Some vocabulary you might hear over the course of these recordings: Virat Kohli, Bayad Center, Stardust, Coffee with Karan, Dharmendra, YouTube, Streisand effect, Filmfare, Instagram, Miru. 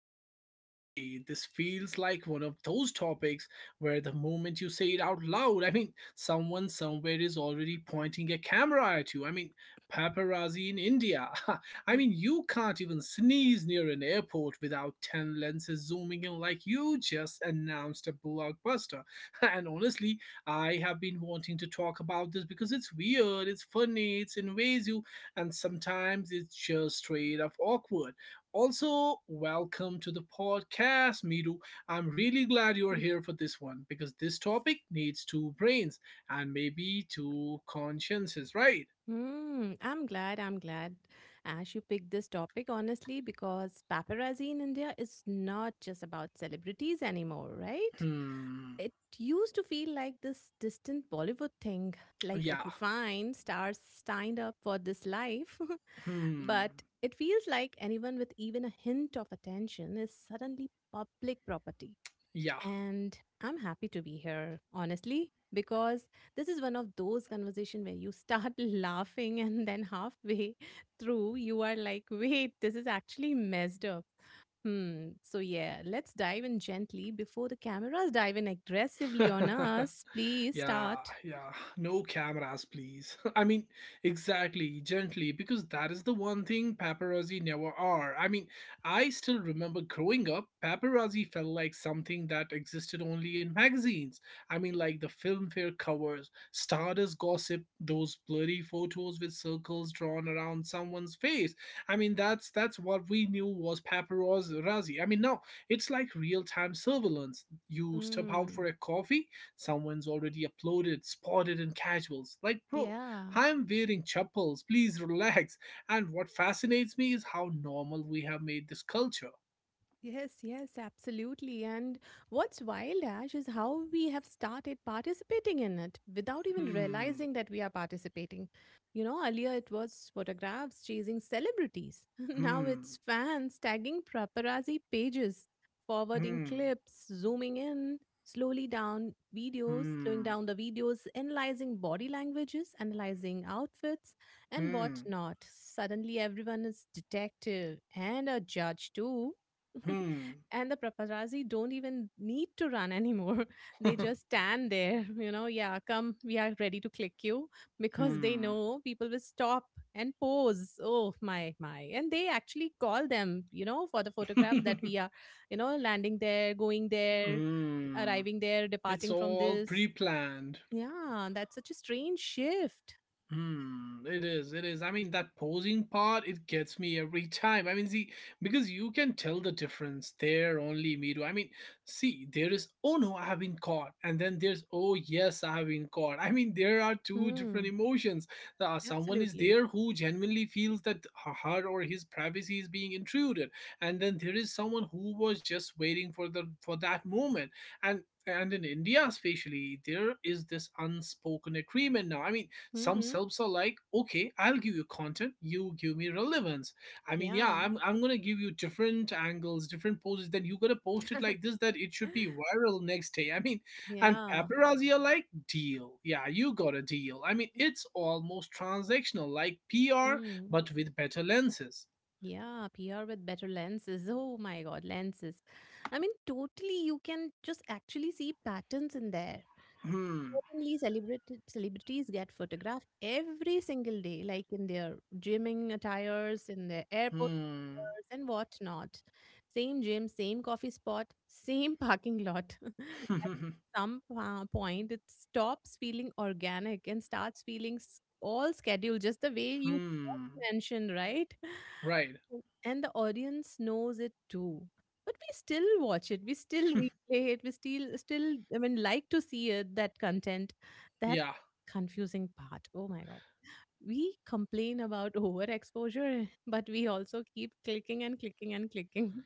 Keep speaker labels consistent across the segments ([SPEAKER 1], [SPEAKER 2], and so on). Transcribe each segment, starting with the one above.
[SPEAKER 1] let me just say this feels like one of those topics where the moment you say it out loud, I mean, someone somewhere is already pointing a camera at you. I mean, paparazzi in India. I mean, you can't even sneeze near an airport without 10 lenses zooming in like you just announced a blockbuster. And honestly, I have been wanting to talk about this because it's weird, it's funny, it's invasive, and sometimes it's just straight up awkward. Also, welcome to the podcast, Miru. I'm really glad you're here for this one because this topic needs two brains and maybe two consciences, right?
[SPEAKER 2] Hmm. I'm glad, Ash, you picked this topic honestly because paparazzi in India is not just about celebrities anymore, right?
[SPEAKER 1] Hmm.
[SPEAKER 2] It used to feel like this distant Bollywood thing. Like,
[SPEAKER 1] Yeah.
[SPEAKER 2] okay, fine, stars signed up for this life,
[SPEAKER 1] Hmm.
[SPEAKER 2] but it feels like anyone with even a hint of attention is suddenly public property.
[SPEAKER 1] Yeah.
[SPEAKER 2] And I'm happy to be here, honestly, because this is one of those conversation where you start laughing and then halfway through you are like, wait, this is actually messed up. Hmm. So yeah, let's dive in gently before the cameras dive in aggressively on us. Please
[SPEAKER 1] Yeah,
[SPEAKER 2] start.
[SPEAKER 1] yeah. No cameras, please. I mean, exactly, gently, because that is the one thing paparazzi never are. I mean, I still remember growing up, paparazzi felt like something that existed only in magazines. I mean, like the filmfare covers, stardust gossip, those blurry photos with circles drawn around someone's face. I mean, that's what we knew was paparazzi. I mean, now it's like real-time surveillance. You step out
[SPEAKER 2] Hmm.
[SPEAKER 1] for a coffee. Someone's already uploaded, spotted in casuals. Like, bro,
[SPEAKER 2] Yeah.
[SPEAKER 1] I'm wearing chappals. Please relax. And what fascinates me is how normal we have made this culture.
[SPEAKER 2] Yes, yes, absolutely. And what's wild, Ash, is how we have started participating in it without even
[SPEAKER 1] Hmm.
[SPEAKER 2] realizing that we are participating. You know, earlier it was photographs chasing celebrities. Now
[SPEAKER 1] Hmm.
[SPEAKER 2] it's fans tagging paparazzi pages, forwarding
[SPEAKER 1] Hmm.
[SPEAKER 2] clips, zooming in, slowing
[SPEAKER 1] Hmm.
[SPEAKER 2] down the videos, analyzing body languages, analyzing outfits, and
[SPEAKER 1] Hmm.
[SPEAKER 2] whatnot. Suddenly everyone is detective and a judge too,
[SPEAKER 1] Hmm.
[SPEAKER 2] and the paparazzi don't even need to run anymore. They just stand there, you know, yeah, come, we are ready to click you because they
[SPEAKER 1] Hmm.
[SPEAKER 2] know people will stop and pose. Oh, my, my. And they actually call them, you know, for the photographs that we are, you know, landing there, going there,
[SPEAKER 1] Hmm.
[SPEAKER 2] arriving there,
[SPEAKER 1] It's
[SPEAKER 2] departing from
[SPEAKER 1] all pre
[SPEAKER 2] this.
[SPEAKER 1] planned.
[SPEAKER 2] Yeah, that's such a strange shift.
[SPEAKER 1] Hmm, it is, it is. I mean, that posing part, it gets me every time. I mean, see, because you can tell the difference there, only me do. I mean, see, there is, oh no, I have been caught. And then there's, oh yes, I have been caught. I mean, there are two different
[SPEAKER 2] Hmm,
[SPEAKER 1] emotions. Someone is
[SPEAKER 2] absolutely.
[SPEAKER 1] there who genuinely feels that her or his privacy is being intruded. And then there is someone who was just waiting for the for that moment. And and in India, especially, there is this unspoken agreement now. I mean, some
[SPEAKER 2] Mm-hmm.
[SPEAKER 1] selves are like, okay, I'll give you content, you give me relevance. I mean, yeah,
[SPEAKER 2] Yeah.
[SPEAKER 1] I'm gonna give you different angles, different poses, then you gotta post it like this, that it should be viral next day. I mean, and
[SPEAKER 2] Yeah.
[SPEAKER 1] paparazzi are like, deal, yeah, you got a deal. I mean, it's almost transactional, like PR,
[SPEAKER 2] Mm.
[SPEAKER 1] but with better lenses.
[SPEAKER 2] Yeah, PR with better lenses. Oh my god, lenses. I mean, totally, you can just actually see patterns in there.
[SPEAKER 1] Hmm.
[SPEAKER 2] Certainly, celebrated celebrities get photographed every single day, like in their gymming attires, in their airport
[SPEAKER 1] Hmm.
[SPEAKER 2] attires, and whatnot. Same gym, same coffee spot, same parking lot. At some point, it stops feeling organic and starts feeling all scheduled, just the way you
[SPEAKER 1] Hmm.
[SPEAKER 2] just mentioned, right?
[SPEAKER 1] Right.
[SPEAKER 2] Oh, and the audience knows it too, but we still watch it, we still replay it, we still, I mean, like, to see it, that content, that
[SPEAKER 1] Yeah.
[SPEAKER 2] confusing part, oh my god, we complain about overexposure, but we also keep clicking and clicking and clicking.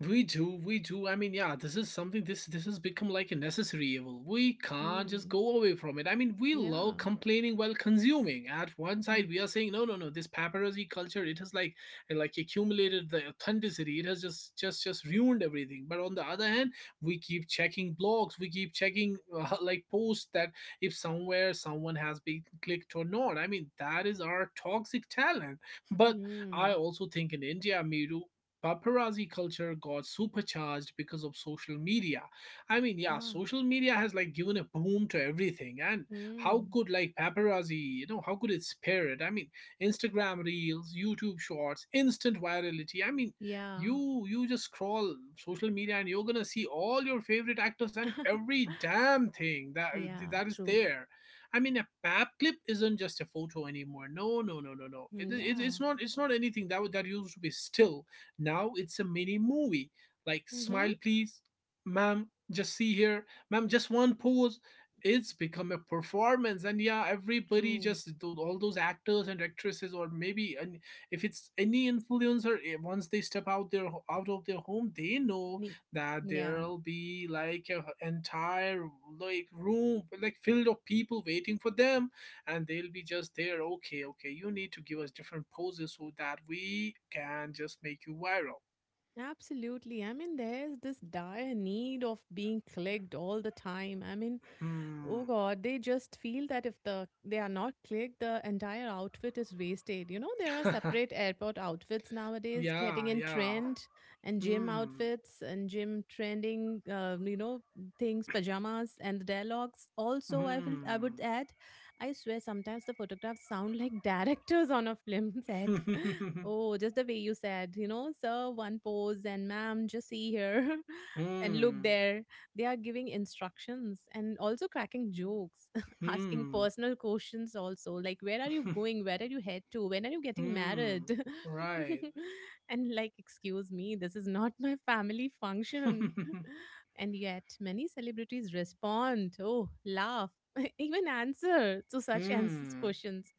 [SPEAKER 1] We do, we do. I mean, yeah, this is something, this has become like a necessary evil. We can't just
[SPEAKER 2] Hmm.
[SPEAKER 1] go away from it. I mean, we love
[SPEAKER 2] Yeah.
[SPEAKER 1] complaining while consuming. At one
[SPEAKER 2] Hmm.
[SPEAKER 1] side, we are saying no, no, no. This paparazzi culture, it has like accumulated the authenticity. It has just ruined everything. But on the other hand, we keep checking blogs. We keep checking like posts that if somewhere someone has been clicked or not. I mean, that is our toxic talent. But I
[SPEAKER 2] Hmm.
[SPEAKER 1] also think in India, Miru, paparazzi culture got supercharged because of social media. I mean, yeah,
[SPEAKER 2] Yeah.
[SPEAKER 1] social media has like given a boom to everything. And how
[SPEAKER 2] Hmm.
[SPEAKER 1] could like paparazzi, you know, how could it spare it? I mean, Instagram reels, YouTube shorts, instant virality. I mean,
[SPEAKER 2] Yeah.
[SPEAKER 1] you just scroll social media and you're gonna see all your favorite actors and every damn thing that
[SPEAKER 2] Yeah,
[SPEAKER 1] is
[SPEAKER 2] true.
[SPEAKER 1] there. I mean, a pap clip isn't just a photo anymore. No, no, no, no, no.
[SPEAKER 2] Hmm,
[SPEAKER 1] It's
[SPEAKER 2] yeah.
[SPEAKER 1] not. It's not anything that that used to be still. Now it's a mini movie. Like,
[SPEAKER 2] Mm-hmm.
[SPEAKER 1] smile, please, ma'am. Just see here, ma'am. Just one pose. It's become a performance, and yeah, everybody
[SPEAKER 2] True.
[SPEAKER 1] just all those actors and actresses, or maybe, and if it's any influencer, eh, once they step out their out of their home, they know
[SPEAKER 2] Ne-
[SPEAKER 1] that
[SPEAKER 2] yeah.
[SPEAKER 1] there'll be like an entire like room like filled of people waiting for them, and they'll be just there, okay, okay, you need to give us different poses so that we can just make you viral.
[SPEAKER 2] Absolutely. I mean, there's this dire need of being clicked all the time. I mean, oh
[SPEAKER 1] Hmm.
[SPEAKER 2] God, they just feel that if they are not clicked, the entire outfit is wasted. You know, there are separate airport outfits nowadays getting
[SPEAKER 1] Yeah,
[SPEAKER 2] in
[SPEAKER 1] yeah.
[SPEAKER 2] trend and gym
[SPEAKER 1] Hmm.
[SPEAKER 2] outfits and gym trending, things, pajamas and the dialogues. Also, I would
[SPEAKER 1] Hmm.
[SPEAKER 2] add, I swear sometimes the photographs sound like directors on a film set. Oh, just the way you said, sir, one pose and ma'am, just see here and look
[SPEAKER 1] Hmm.
[SPEAKER 2] there they are giving instructions and also cracking jokes, asking
[SPEAKER 1] Hmm.
[SPEAKER 2] personal questions also, like where are you going? Where are you head to? When are you getting
[SPEAKER 1] Hmm.
[SPEAKER 2] married?
[SPEAKER 1] Right.
[SPEAKER 2] And like, excuse me, this is not my family function. And yet, many celebrities respond, oh, laugh, even answer to such answers
[SPEAKER 1] Hmm.
[SPEAKER 2] questions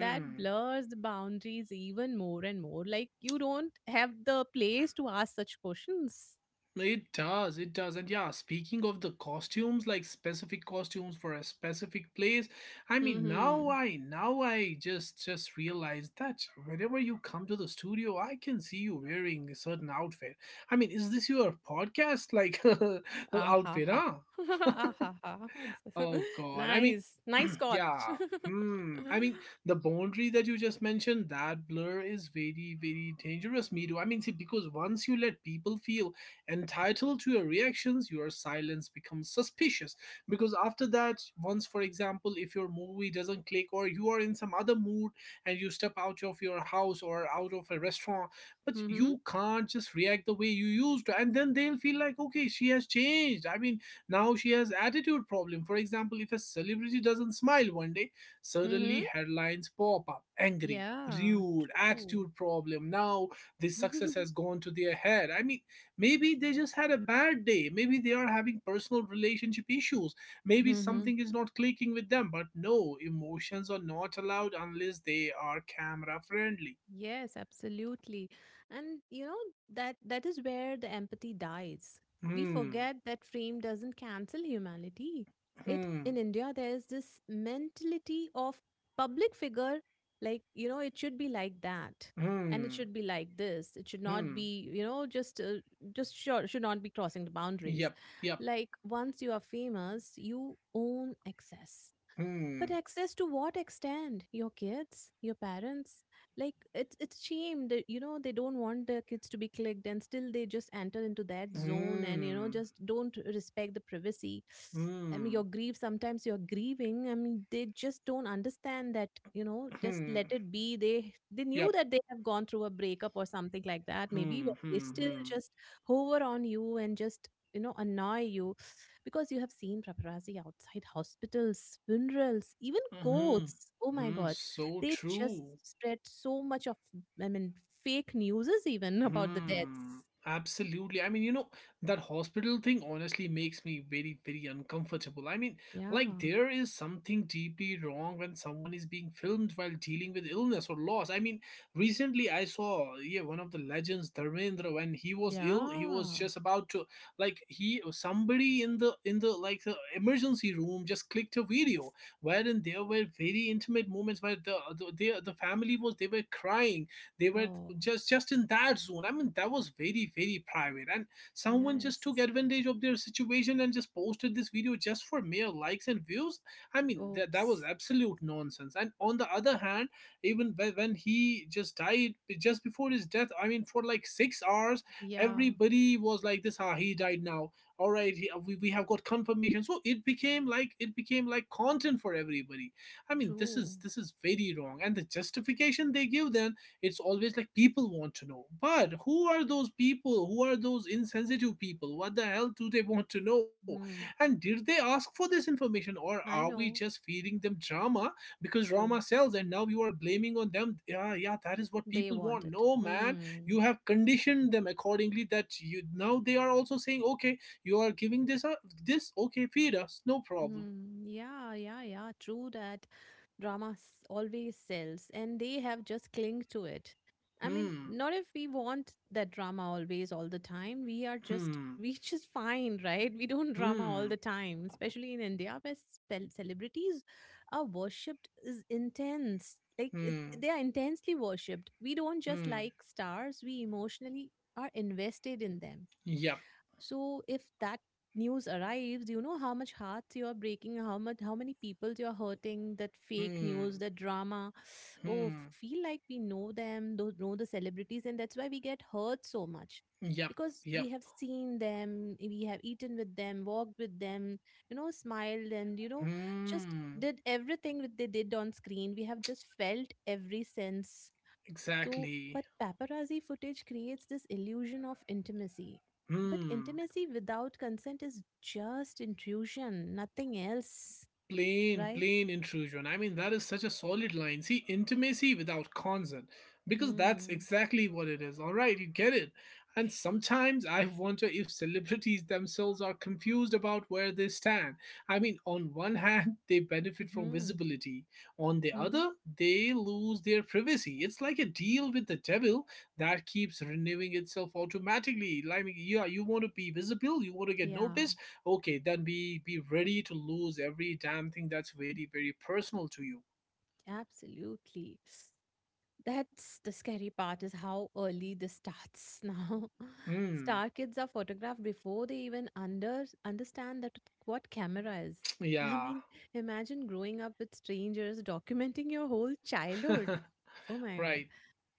[SPEAKER 2] that blurs the boundaries even more and more. Like you don't have the place to ask such questions.
[SPEAKER 1] It does, it does. And yeah, speaking of the costumes, like specific costumes for a specific place, I mean, now
[SPEAKER 2] Hmm.
[SPEAKER 1] I just realized that whenever you come to the studio, I can see you wearing a certain outfit. I mean, is this your podcast like
[SPEAKER 2] Ah ah ha
[SPEAKER 1] outfit,
[SPEAKER 2] ha,
[SPEAKER 1] huh?
[SPEAKER 2] Ah ha ha Exa
[SPEAKER 1] Oh God. I mean,
[SPEAKER 2] Nice. Nice Scotch.
[SPEAKER 1] yeah. Hmm. I mean, the boundary that you just mentioned, that blur is very, very dangerous, Miru. I mean, see, because once you let people feel entitled to your reactions, your silence becomes suspicious. Because after that, once, for example, if your movie doesn't click or you are in some other mood and you step out of your house or out of a restaurant, but
[SPEAKER 2] Mhm.
[SPEAKER 1] you can't just react the way you used to. And then they'll feel like, okay, she has changed. I mean, now she has attitude problem. For example, if a celebrity doesn't smile one day, suddenly
[SPEAKER 2] Mhm.
[SPEAKER 1] headlines pop up. Angry,
[SPEAKER 2] Yeah,
[SPEAKER 1] rude,
[SPEAKER 2] true.
[SPEAKER 1] attitude problem. Now this success has gone to their head. I mean, maybe they just had a bad day. Maybe they are having personal relationship issues. Maybe
[SPEAKER 2] Mhm.
[SPEAKER 1] something is not clicking with them. But no, emotions are not allowed unless they are camera friendly.
[SPEAKER 2] Yes, absolutely. And you know that that is where the empathy dies. We
[SPEAKER 1] Hmm.
[SPEAKER 2] forget that frame doesn't cancel humanity. It in
[SPEAKER 1] Hmm.
[SPEAKER 2] India there is this mentality of public figure, like, it should be like that and it
[SPEAKER 1] Hmm.
[SPEAKER 2] should be like this. It should not
[SPEAKER 1] Hmm.
[SPEAKER 2] be, just sure, should not be crossing the boundaries.
[SPEAKER 1] Yep. Yep.
[SPEAKER 2] Like once you are famous, you own excess. But
[SPEAKER 1] Hmm.
[SPEAKER 2] access to what extent? Your kids, your parents? Like it's shame that they don't want their kids to be clicked and still they just enter into that zone and
[SPEAKER 1] Hmm.
[SPEAKER 2] just don't respect the privacy. I mean
[SPEAKER 1] Hmm.
[SPEAKER 2] your grief, sometimes you're grieving. I mean they just don't understand that, just
[SPEAKER 1] Hmm.
[SPEAKER 2] let it be. They knew
[SPEAKER 1] Yep.
[SPEAKER 2] that they have gone through a breakup or something like that, maybe,
[SPEAKER 1] Hmm.
[SPEAKER 2] but they
[SPEAKER 1] Hmm.
[SPEAKER 2] still
[SPEAKER 1] Hmm.
[SPEAKER 2] just hover on you and just annoy you because you have seen paparazzi outside hospitals, funerals, even
[SPEAKER 1] Hmm.
[SPEAKER 2] courts. Oh my
[SPEAKER 1] Hmm.
[SPEAKER 2] God.
[SPEAKER 1] So
[SPEAKER 2] They just
[SPEAKER 1] true.
[SPEAKER 2] spread so much of, I mean, fake news even about the
[SPEAKER 1] Hmm.
[SPEAKER 2] deaths.
[SPEAKER 1] Absolutely. I mean, you know, that hospital thing honestly makes me very, very uncomfortable. I mean, like,
[SPEAKER 2] Yeah.
[SPEAKER 1] there is something deeply wrong when someone is being filmed while dealing with illness or loss. I mean, recently I saw, yeah, one of the legends, Dharmendra, when he was ill, he was
[SPEAKER 2] Yeah.
[SPEAKER 1] just about to, like, he, somebody in the, like, the emergency room just clicked a video wherein there were very intimate moments where the family was, they were crying, they were
[SPEAKER 2] Oh,
[SPEAKER 1] just in that zone. I mean, that was very, very private, and someone just took
[SPEAKER 2] yes.
[SPEAKER 1] advantage of their situation and just posted this video just for mere likes and views. I mean, that, that was
[SPEAKER 2] Oops.
[SPEAKER 1] absolute nonsense, and on the other hand, even when he just died, just before his death, I mean, for like 6 hours,
[SPEAKER 2] Yeah.
[SPEAKER 1] everybody was like this, ah, he died now, all right, we have got confirmation. So it became like, it became like content for everybody. I mean, this
[SPEAKER 2] True.
[SPEAKER 1] is this is very wrong, and the justification they give then, it's always like, people want to know. But who are those people? Who are those insensitive people? What the hell do they want to know?
[SPEAKER 2] Hmm.
[SPEAKER 1] And did they ask for this information, or are
[SPEAKER 2] I
[SPEAKER 1] we
[SPEAKER 2] know.
[SPEAKER 1] just feeding them drama? Because drama
[SPEAKER 2] True.
[SPEAKER 1] sells, and now you are blaming on them, yeah, yeah, that is what
[SPEAKER 2] They
[SPEAKER 1] people
[SPEAKER 2] want
[SPEAKER 1] want.
[SPEAKER 2] it.
[SPEAKER 1] No, man,
[SPEAKER 2] Hmm.
[SPEAKER 1] you have conditioned them accordingly, that you, now they are also saying, okay, you are giving this up, this, okay, feed us, no problem.
[SPEAKER 2] Hmm. Yeah, yeah, yeah. True that drama always sells, and they have just clinged to it. I mean,
[SPEAKER 1] Hmm.
[SPEAKER 2] not if we want that drama always, all the time. We are just,
[SPEAKER 1] Hmm.
[SPEAKER 2] we just fine, right? We don't drama all
[SPEAKER 1] Hmm.
[SPEAKER 2] the time, especially in India, where celebrities are worshipped is intense. Like
[SPEAKER 1] Hmm.
[SPEAKER 2] they are intensely worshipped. We don't just
[SPEAKER 1] Hmm.
[SPEAKER 2] like stars; we emotionally are invested in them.
[SPEAKER 1] Yep.
[SPEAKER 2] So if that news arrives, you know how much hearts you are breaking, how many people you are hurting, that fake
[SPEAKER 1] Hmm.
[SPEAKER 2] news, that drama. Oh,
[SPEAKER 1] Hmm.
[SPEAKER 2] feel like we know them, know the celebrities, and that's why we get hurt so much.
[SPEAKER 1] Yep.
[SPEAKER 2] Because
[SPEAKER 1] Yep.
[SPEAKER 2] we have seen them, we have eaten with them, walked with them, smiled and just
[SPEAKER 1] Hmm.
[SPEAKER 2] did everything that they did on screen. We have just felt every sense so,
[SPEAKER 1] Exactly.
[SPEAKER 2] but paparazzi footage creates this illusion of intimacy. But
[SPEAKER 1] Hmm.
[SPEAKER 2] intimacy without consent is just intrusion, nothing else,
[SPEAKER 1] Plain
[SPEAKER 2] right?
[SPEAKER 1] plain intrusion. I mean, that is such a solid line. See, intimacy without consent, because that's
[SPEAKER 2] Hmm.
[SPEAKER 1] exactly what it is, all right? You get it. And sometimes I wonder if celebrities themselves are confused about where they stand. I mean, on one hand, they benefit from
[SPEAKER 2] Hmm.
[SPEAKER 1] visibility, on the
[SPEAKER 2] Hmm.
[SPEAKER 1] other, they lose their privacy. It's like a deal with the devil that keeps renewing itself automatically. Like, yeah, you want to be visible, you want to get
[SPEAKER 2] Yeah,
[SPEAKER 1] noticed. Okay, then be ready to lose every damn thing that's very, very personal to you.
[SPEAKER 2] absolutely. That's the scary part is how early this starts now.
[SPEAKER 1] Hmm.
[SPEAKER 2] Star kids are photographed before they even understand that what camera is. I
[SPEAKER 1] Yeah.
[SPEAKER 2] mean, imagine growing up with strangers documenting your whole childhood. Oh my god.
[SPEAKER 1] Right.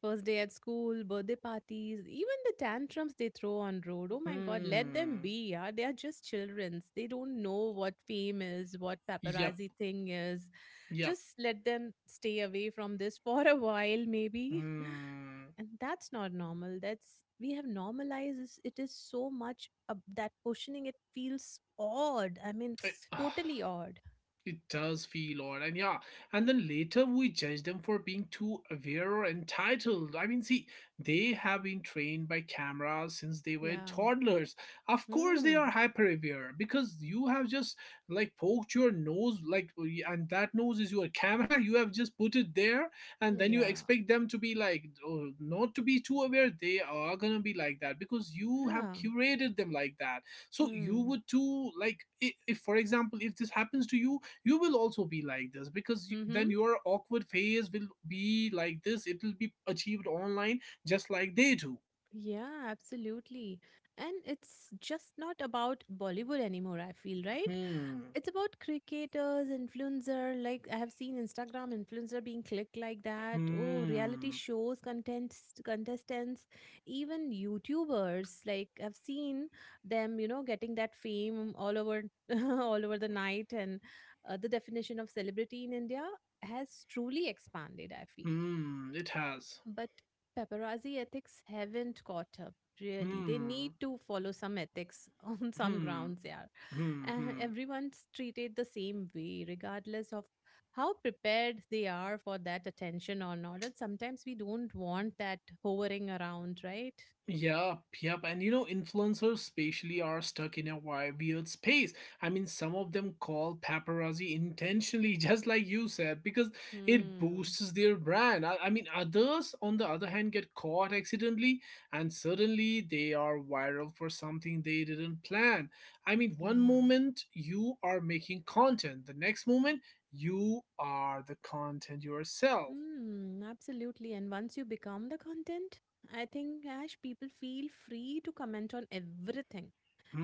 [SPEAKER 2] First day at school, birthday parties, even the tantrums they throw on road. Oh my god, let them
[SPEAKER 1] Hmm.
[SPEAKER 2] be. Yeah, they are just children. They don't know what fame is, what
[SPEAKER 1] Yep.
[SPEAKER 2] paparazzi thing is.
[SPEAKER 1] Yep.
[SPEAKER 2] Just let them stay away from this for a while maybe.
[SPEAKER 1] Hmm.
[SPEAKER 2] And that's not normal. That's, we have normalized it is so much, that questioning it feels odd. I mean,
[SPEAKER 1] Eh, ah.
[SPEAKER 2] totally odd.
[SPEAKER 1] It does feel odd. And yeah, and then later we judge them for being too aware or entitled. I mean, see, they have been trained by cameras since they were
[SPEAKER 2] Yeah.
[SPEAKER 1] toddlers. Of course, they are
[SPEAKER 2] Hmm.
[SPEAKER 1] hyper aware because you have just like poked your nose, like, and that nose is your camera. You have just put it there, and then you
[SPEAKER 2] Yeah.
[SPEAKER 1] expect them to be like, oh, not to be too aware. They are gonna be like that because you have
[SPEAKER 2] Yeah.
[SPEAKER 1] curated them like that. So you
[SPEAKER 2] Hmm.
[SPEAKER 1] would too, like, if for example, if this happens to you, you will also be like this because you, then
[SPEAKER 2] Mhm.
[SPEAKER 1] your awkward phase will be like this, it will be achieved online, just like they do.
[SPEAKER 2] Yeah, absolutely. And it's just not about Bollywood anymore, I feel, right?
[SPEAKER 1] Hmm.
[SPEAKER 2] It's about cricketers, influencer. Like I have seen Instagram influencer being clicked like that. Oh, reality
[SPEAKER 1] Hmm.
[SPEAKER 2] shows, contestants, even YouTubers. Like I've seen them, getting that fame all over all over the night. And the definition of celebrity in India has truly expanded, I feel.
[SPEAKER 1] Hmm. It has.
[SPEAKER 2] But paparazzi ethics haven't caught up, really. They need
[SPEAKER 1] Hmm.
[SPEAKER 2] to follow some ethics on some
[SPEAKER 1] Hmm.
[SPEAKER 2] grounds, yeah.
[SPEAKER 1] Hmm. Hmm.
[SPEAKER 2] Everyone's treated the same way, regardless of how prepared they are for that attention or not. And sometimes we don't want that hovering around, right?
[SPEAKER 1] Yep, yep. And you know, influencers spatially are stuck in a weird space. I mean, some of them call paparazzi intentionally, just like you said, because it
[SPEAKER 2] Hmm.
[SPEAKER 1] boosts their brand. I mean, others, on the other hand, get caught accidentally and suddenly they are viral for something they didn't plan. I mean,
[SPEAKER 2] Yeah.
[SPEAKER 1] one moment you are making content, the next moment you are the content yourself.
[SPEAKER 2] Hmm. Absolutely. And once you become the content, I think, Ash, people feel free to comment on everything.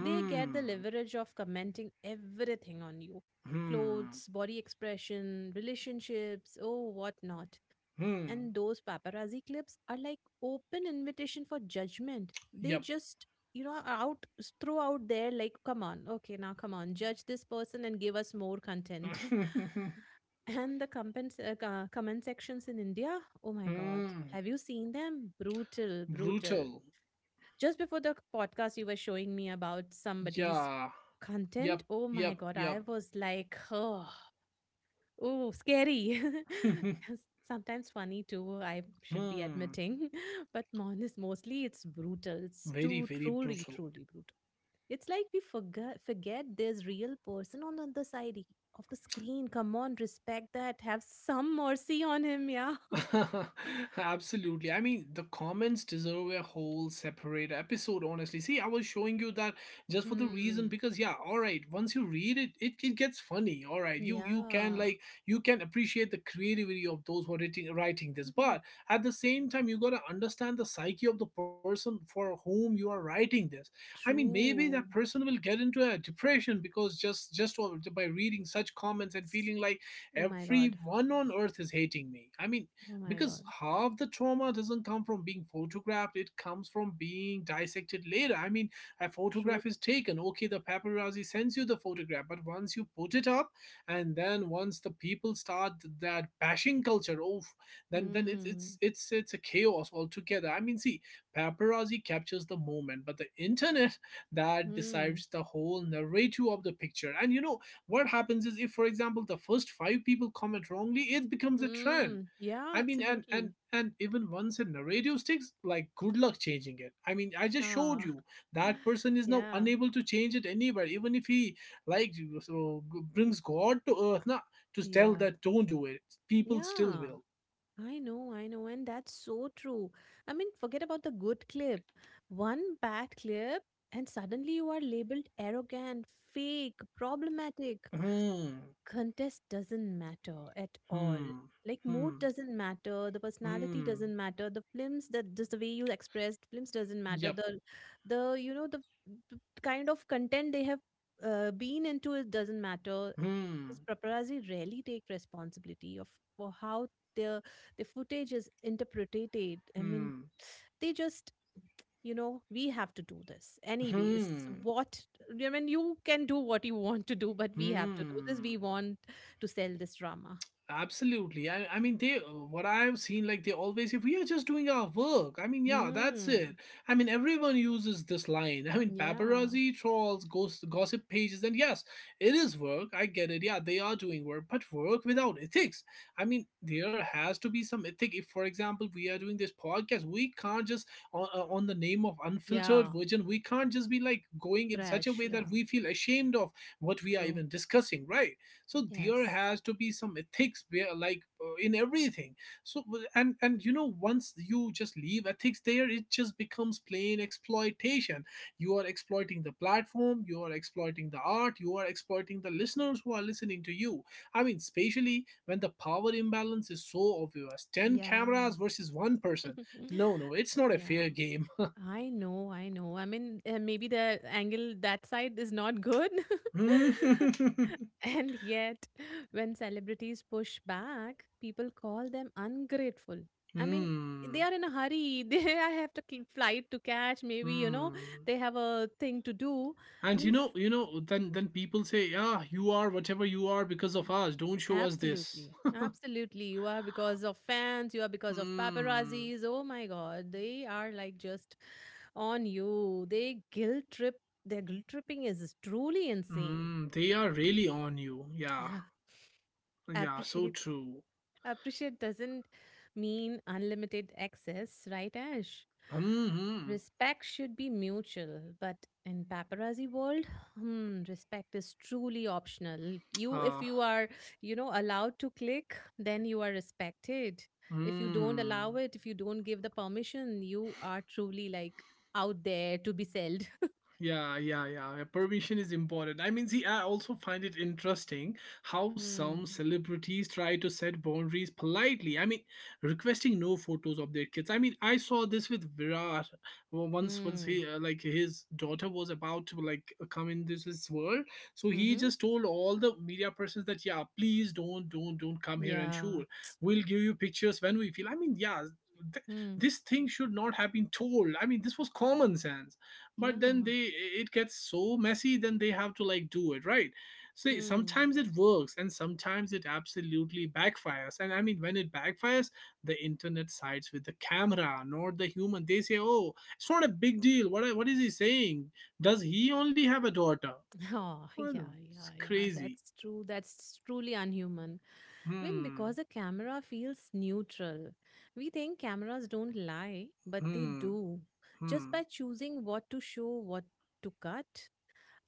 [SPEAKER 2] They get the leverage of commenting everything on you:
[SPEAKER 1] hmm,
[SPEAKER 2] clothes, body expression, relationships, oh, what not.
[SPEAKER 1] hmm.
[SPEAKER 2] And those paparazzi clips are like open invitation for judgment. They
[SPEAKER 1] Yep.
[SPEAKER 2] just, are out throw out there like, come on, okay, now come on, judge this person and give us more content. And the comment sections in India, oh my God,
[SPEAKER 1] Hmm.
[SPEAKER 2] have you seen them? Brutal, brutal.
[SPEAKER 1] Brutal.
[SPEAKER 2] Just before the podcast, you were showing me about somebody's
[SPEAKER 1] Yeah.
[SPEAKER 2] content.
[SPEAKER 1] Yep.
[SPEAKER 2] Oh my
[SPEAKER 1] Yep.
[SPEAKER 2] God, I
[SPEAKER 1] Yep.
[SPEAKER 2] was like, oh, scary. Sometimes funny too, I should be
[SPEAKER 1] Hmm.
[SPEAKER 2] admitting. But honest, mostly it's brutal. It's
[SPEAKER 1] Very,
[SPEAKER 2] too
[SPEAKER 1] very
[SPEAKER 2] truly,
[SPEAKER 1] brutal.
[SPEAKER 2] truly brutal. It's like we forget there's real person on the other side, of the screen. Come on, respect that. Have some mercy on him, yeah.
[SPEAKER 1] Absolutely. I mean, the comments deserve a whole separate episode, honestly. See, I was showing you that just for the reason
[SPEAKER 2] Hmm.
[SPEAKER 1] because yeah, all right, once you read it, it gets funny. All right. You can
[SPEAKER 2] Yeah.
[SPEAKER 1] like you can appreciate the creativity of those who are writing, writing this, but at the same time you got to understand the psyche of the person for whom you are writing this. I mean, maybe that
[SPEAKER 2] True.
[SPEAKER 1] person will get into a depression because just by reading such comments and feeling like
[SPEAKER 2] Oh my God.
[SPEAKER 1] everyone on earth is hating me. I mean,
[SPEAKER 2] Oh my
[SPEAKER 1] because
[SPEAKER 2] God.
[SPEAKER 1] half the trauma doesn't come from being photographed, it comes from being dissected later. I mean, a
[SPEAKER 2] True.
[SPEAKER 1] photograph is taken, okay, the paparazzi sends you the photograph, but once you put it up and then once the people start that bashing culture, oof, then it's it's
[SPEAKER 2] Hmm.
[SPEAKER 1] it's it's a chaos altogether. I mean, see, paparazzi captures the moment, but the internet that
[SPEAKER 2] Hmm.
[SPEAKER 1] decides the whole narrative of the picture. And you know what happens is, if for example the first 5 people comment wrongly, it becomes a trend.
[SPEAKER 2] Mm. Yeah,
[SPEAKER 1] I mean, and and
[SPEAKER 2] absolutely.
[SPEAKER 1] and even once a narrative sticks, like, good luck changing it. I mean, I just showed
[SPEAKER 2] Yeah.
[SPEAKER 1] you that person is now
[SPEAKER 2] Yeah.
[SPEAKER 1] unable to change it anywhere, even if he like so
[SPEAKER 2] Mm,
[SPEAKER 1] brings God to earth, nah, to tell
[SPEAKER 2] yeah.
[SPEAKER 1] that don't do it. People still
[SPEAKER 2] Yeah.
[SPEAKER 1] will.
[SPEAKER 2] I know, I know. And that's so true. I mean, forget about the good clip. One bad clip, and suddenly you are labeled arrogant, fake, problematic.
[SPEAKER 1] Hmm.
[SPEAKER 2] Contest doesn't matter at all.
[SPEAKER 1] Hmm.
[SPEAKER 2] Like mood
[SPEAKER 1] Hmm.
[SPEAKER 2] doesn't matter, the personality
[SPEAKER 1] Hmm.
[SPEAKER 2] doesn't matter, the films that just the way you expressed films doesn't matter.
[SPEAKER 1] Yep.
[SPEAKER 2] The you know the, the kind of content they have been into it doesn't matter.
[SPEAKER 1] Hmm.
[SPEAKER 2] This paparazzi rarely take responsibility of for how their their footage is interpreted. I mean,
[SPEAKER 1] Hmm.
[SPEAKER 2] they just, we have to do this anyways.
[SPEAKER 1] Hmm.
[SPEAKER 2] What, I mean, you can do what you want to do, but we have to do this.
[SPEAKER 1] Hmm.
[SPEAKER 2] We want to sell this drama.
[SPEAKER 1] Absolutely. I mean, they, what I've seen, like, they always say, we are just doing our work. I mean, yeah, that's it.
[SPEAKER 2] Hmm.
[SPEAKER 1] I mean, everyone uses this line. I mean,
[SPEAKER 2] Yeah,
[SPEAKER 1] paparazzi, trolls, ghost, gossip pages, and yes, it is work. I get it. Yeah, they are doing work, but work without ethics. I mean, there has to be some ethic. If, for example, we are doing this podcast, we can't just, on the name of unfiltered
[SPEAKER 2] yeah,
[SPEAKER 1] virgin, we can't just be like going in such a
[SPEAKER 2] trash,
[SPEAKER 1] way
[SPEAKER 2] yeah.
[SPEAKER 1] that we feel ashamed of what we are
[SPEAKER 2] True.
[SPEAKER 1] even discussing, right? So there
[SPEAKER 2] Yes.
[SPEAKER 1] has to be some ethics where, like, in everything. So, and you know, once you just leave ethics there, it just becomes plain exploitation. You are exploiting the platform, you are exploiting the art, you are exploiting the listeners who are listening to you. I mean, especially when the power imbalance is so obvious, 10
[SPEAKER 2] Yeah.
[SPEAKER 1] cameras versus one person. No, no, it's not a
[SPEAKER 2] Yeah.
[SPEAKER 1] fair game.
[SPEAKER 2] I know, I know. I mean, maybe the angle that side is not good.
[SPEAKER 1] Hmm.
[SPEAKER 2] And yet, when celebrities push back, people call them ungrateful. I mean, they
[SPEAKER 1] Hmm.
[SPEAKER 2] are in a hurry. They have to flight to catch. Maybe you know
[SPEAKER 1] Hmm.
[SPEAKER 2] they have a thing to do. I
[SPEAKER 1] And
[SPEAKER 2] mean, f-
[SPEAKER 1] you know, then people say, "Yeah, you are whatever you are because of us. Don't show us this."
[SPEAKER 2] Absolutely. Absolutely. You are because of fans, you are because of
[SPEAKER 1] Hmm.
[SPEAKER 2] paparazzis. Oh my God. They are like just on you. They guilt trip. Their guilt tripping is truly insane.
[SPEAKER 1] Mm, they are really on you. Yeah,
[SPEAKER 2] Yeah.
[SPEAKER 1] yeah, so
[SPEAKER 2] Appreciate.
[SPEAKER 1] true.
[SPEAKER 2] Appreciate doesn't mean unlimited access, right, Ash?
[SPEAKER 1] Hmm. Hmm.
[SPEAKER 2] Respect should be mutual, but in paparazzi world, respect is truly optional. If
[SPEAKER 1] Ah.
[SPEAKER 2] you are, you know, allowed to click, then you are respected. If you don't allow
[SPEAKER 1] Hmm.
[SPEAKER 2] it, if you don't give the permission, you are truly like out there to be sold.
[SPEAKER 1] Yeah, yeah, yeah. Permission is important. I mean, see, I also find it interesting how some
[SPEAKER 2] Hmm.
[SPEAKER 1] celebrities try to set boundaries politely. I mean, requesting no photos of their kids. I mean, I saw this with Virat. Well, once. Once he
[SPEAKER 2] Hmm.
[SPEAKER 1] like, his daughter was about to like come in this world, so he
[SPEAKER 2] Mm-hmm.
[SPEAKER 1] just told all the media persons that, yeah, please don't come here and
[SPEAKER 2] Yeah.
[SPEAKER 1] shoot. We'll give you pictures when we feel. I mean, yeah. Th-
[SPEAKER 2] Hmm.
[SPEAKER 1] this thing should not have been told. I mean, this was common sense,
[SPEAKER 2] Yeah.
[SPEAKER 1] but then they, it gets so messy, then they have to like do it, right? See,
[SPEAKER 2] Hmm.
[SPEAKER 1] sometimes it works, and sometimes it absolutely backfires. And I mean, when it backfires, the internet sides with the camera, not the human. They say, oh, it's not a big deal, what is he saying, does he only have a daughter?
[SPEAKER 2] Oh,
[SPEAKER 1] Well,
[SPEAKER 2] yeah,
[SPEAKER 1] it's
[SPEAKER 2] yeah, yeah.
[SPEAKER 1] crazy.
[SPEAKER 2] That's true. That's truly unhuman. I mean, because
[SPEAKER 1] Hmm.
[SPEAKER 2] a camera feels neutral. We think cameras don't lie, but they
[SPEAKER 1] Hmm.
[SPEAKER 2] do. Just by
[SPEAKER 1] Hmm.
[SPEAKER 2] choosing what to show, what to cut,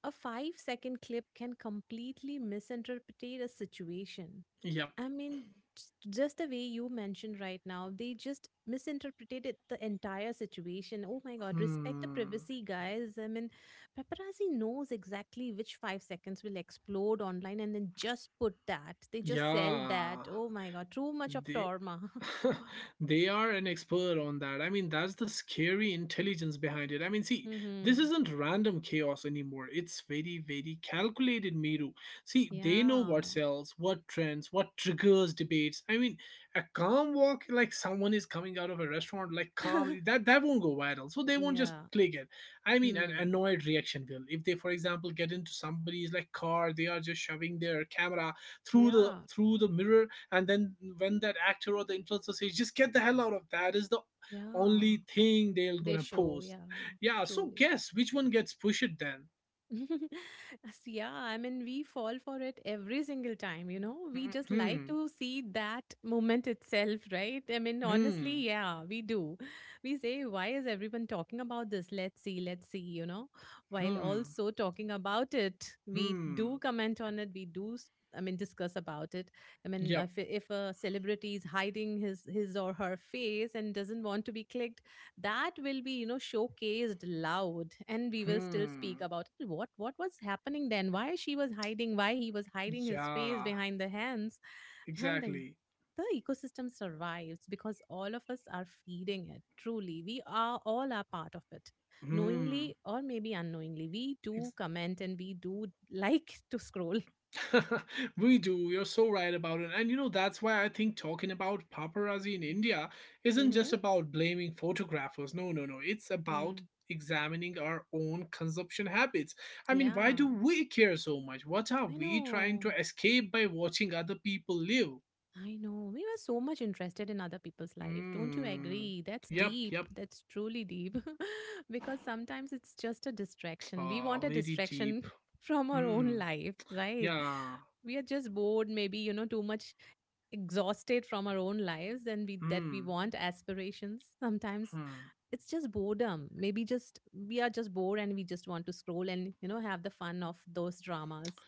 [SPEAKER 2] a 5 second clip can completely misinterpret a situation.
[SPEAKER 1] Yep.
[SPEAKER 2] I mean, just the way you mentioned right now, they just misinterpreted it, the entire situation. Oh my God, respect the
[SPEAKER 1] Hmm.
[SPEAKER 2] privacy, guys. I mean, paparazzi knows exactly which 5 seconds will explode online and then just put that. They just sell
[SPEAKER 1] Yeah.
[SPEAKER 2] that. Oh my God, too much of
[SPEAKER 1] They
[SPEAKER 2] trauma.
[SPEAKER 1] they are an expert on that. I mean, that's the scary intelligence behind it. I mean, see, this
[SPEAKER 2] mm-hmm.
[SPEAKER 1] isn't random chaos anymore. It's very, very calculated, Miru. See, they know
[SPEAKER 2] Yeah.
[SPEAKER 1] what sells, what trends, what triggers debates. I mean, a calm walk, like someone is coming out of a restaurant like calmly, that won't go viral. So they won't just
[SPEAKER 2] yeah.
[SPEAKER 1] click it. I mean, an
[SPEAKER 2] Mm.
[SPEAKER 1] annoyed reaction will. If they, for example, get into somebody's like car, they are just shoving their camera through the
[SPEAKER 2] Yeah.
[SPEAKER 1] through the mirror, and then when that actor or the influencer says just get the hell out, of that is the
[SPEAKER 2] Yeah.
[SPEAKER 1] only thing they're
[SPEAKER 2] They
[SPEAKER 1] gonna
[SPEAKER 2] show.
[SPEAKER 1] post.
[SPEAKER 2] Yeah.
[SPEAKER 1] Yeah, so
[SPEAKER 2] Truly.
[SPEAKER 1] guess which one gets pushed then.
[SPEAKER 2] Yeah, I mean, we fall for it every single time, you know. We just like
[SPEAKER 1] Hmm.
[SPEAKER 2] to see that moment itself, right? I mean,
[SPEAKER 1] Hmm.
[SPEAKER 2] honestly, yeah, we do. We say, why is everyone talking about this? Let's see, you know. While
[SPEAKER 1] Hmm.
[SPEAKER 2] also talking about it, we do
[SPEAKER 1] Hmm.
[SPEAKER 2] comment on it, we do. I mean, discuss about it. I mean,
[SPEAKER 1] Yep.
[SPEAKER 2] if a celebrity is hiding his or her face and doesn't want to be clicked, that will be, you know, showcased loud and we will still speak
[SPEAKER 1] Hmm.
[SPEAKER 2] about it. What was happening then? Why she was hiding? Why he was hiding his face
[SPEAKER 1] Yeah.
[SPEAKER 2] behind the hands? And the
[SPEAKER 1] Exactly.
[SPEAKER 2] the ecosystem survives because all of us are feeding it. Truly we are all are part of it,
[SPEAKER 1] Hmm.
[SPEAKER 2] knowingly or maybe unknowingly. We do
[SPEAKER 1] Ex-
[SPEAKER 2] comment and we do like to scroll.
[SPEAKER 1] we do. You're so right about it. And you know, that's why I think talking about paparazzi in India isn't
[SPEAKER 2] Mm-hmm.
[SPEAKER 1] just about blaming photographers. No, no, no. It's about examining our own consumption habits. I mean, why
[SPEAKER 2] Yeah.
[SPEAKER 1] do we care so much? What are
[SPEAKER 2] i
[SPEAKER 1] we trying
[SPEAKER 2] know
[SPEAKER 1] to escape by watching other people live?
[SPEAKER 2] I know. We were so much interested in other people's life. Don't you
[SPEAKER 1] Hmm.
[SPEAKER 2] agree? That's
[SPEAKER 1] Yep,
[SPEAKER 2] deep.
[SPEAKER 1] yep.
[SPEAKER 2] That's truly deep. Because sometimes it's just a distraction. We
[SPEAKER 1] Oh,
[SPEAKER 2] want a
[SPEAKER 1] very deep.
[SPEAKER 2] distraction from our own
[SPEAKER 1] Hmm.
[SPEAKER 2] life, right?
[SPEAKER 1] Yeah.
[SPEAKER 2] We are just bored, maybe, you know, too much exhausted from our own lives and we that we
[SPEAKER 1] Hmm.
[SPEAKER 2] want aspirations sometimes.
[SPEAKER 1] Hmm.
[SPEAKER 2] It's just boredom, maybe. Just We are just bored and we just want to scroll and, you know, have the fun of those dramas.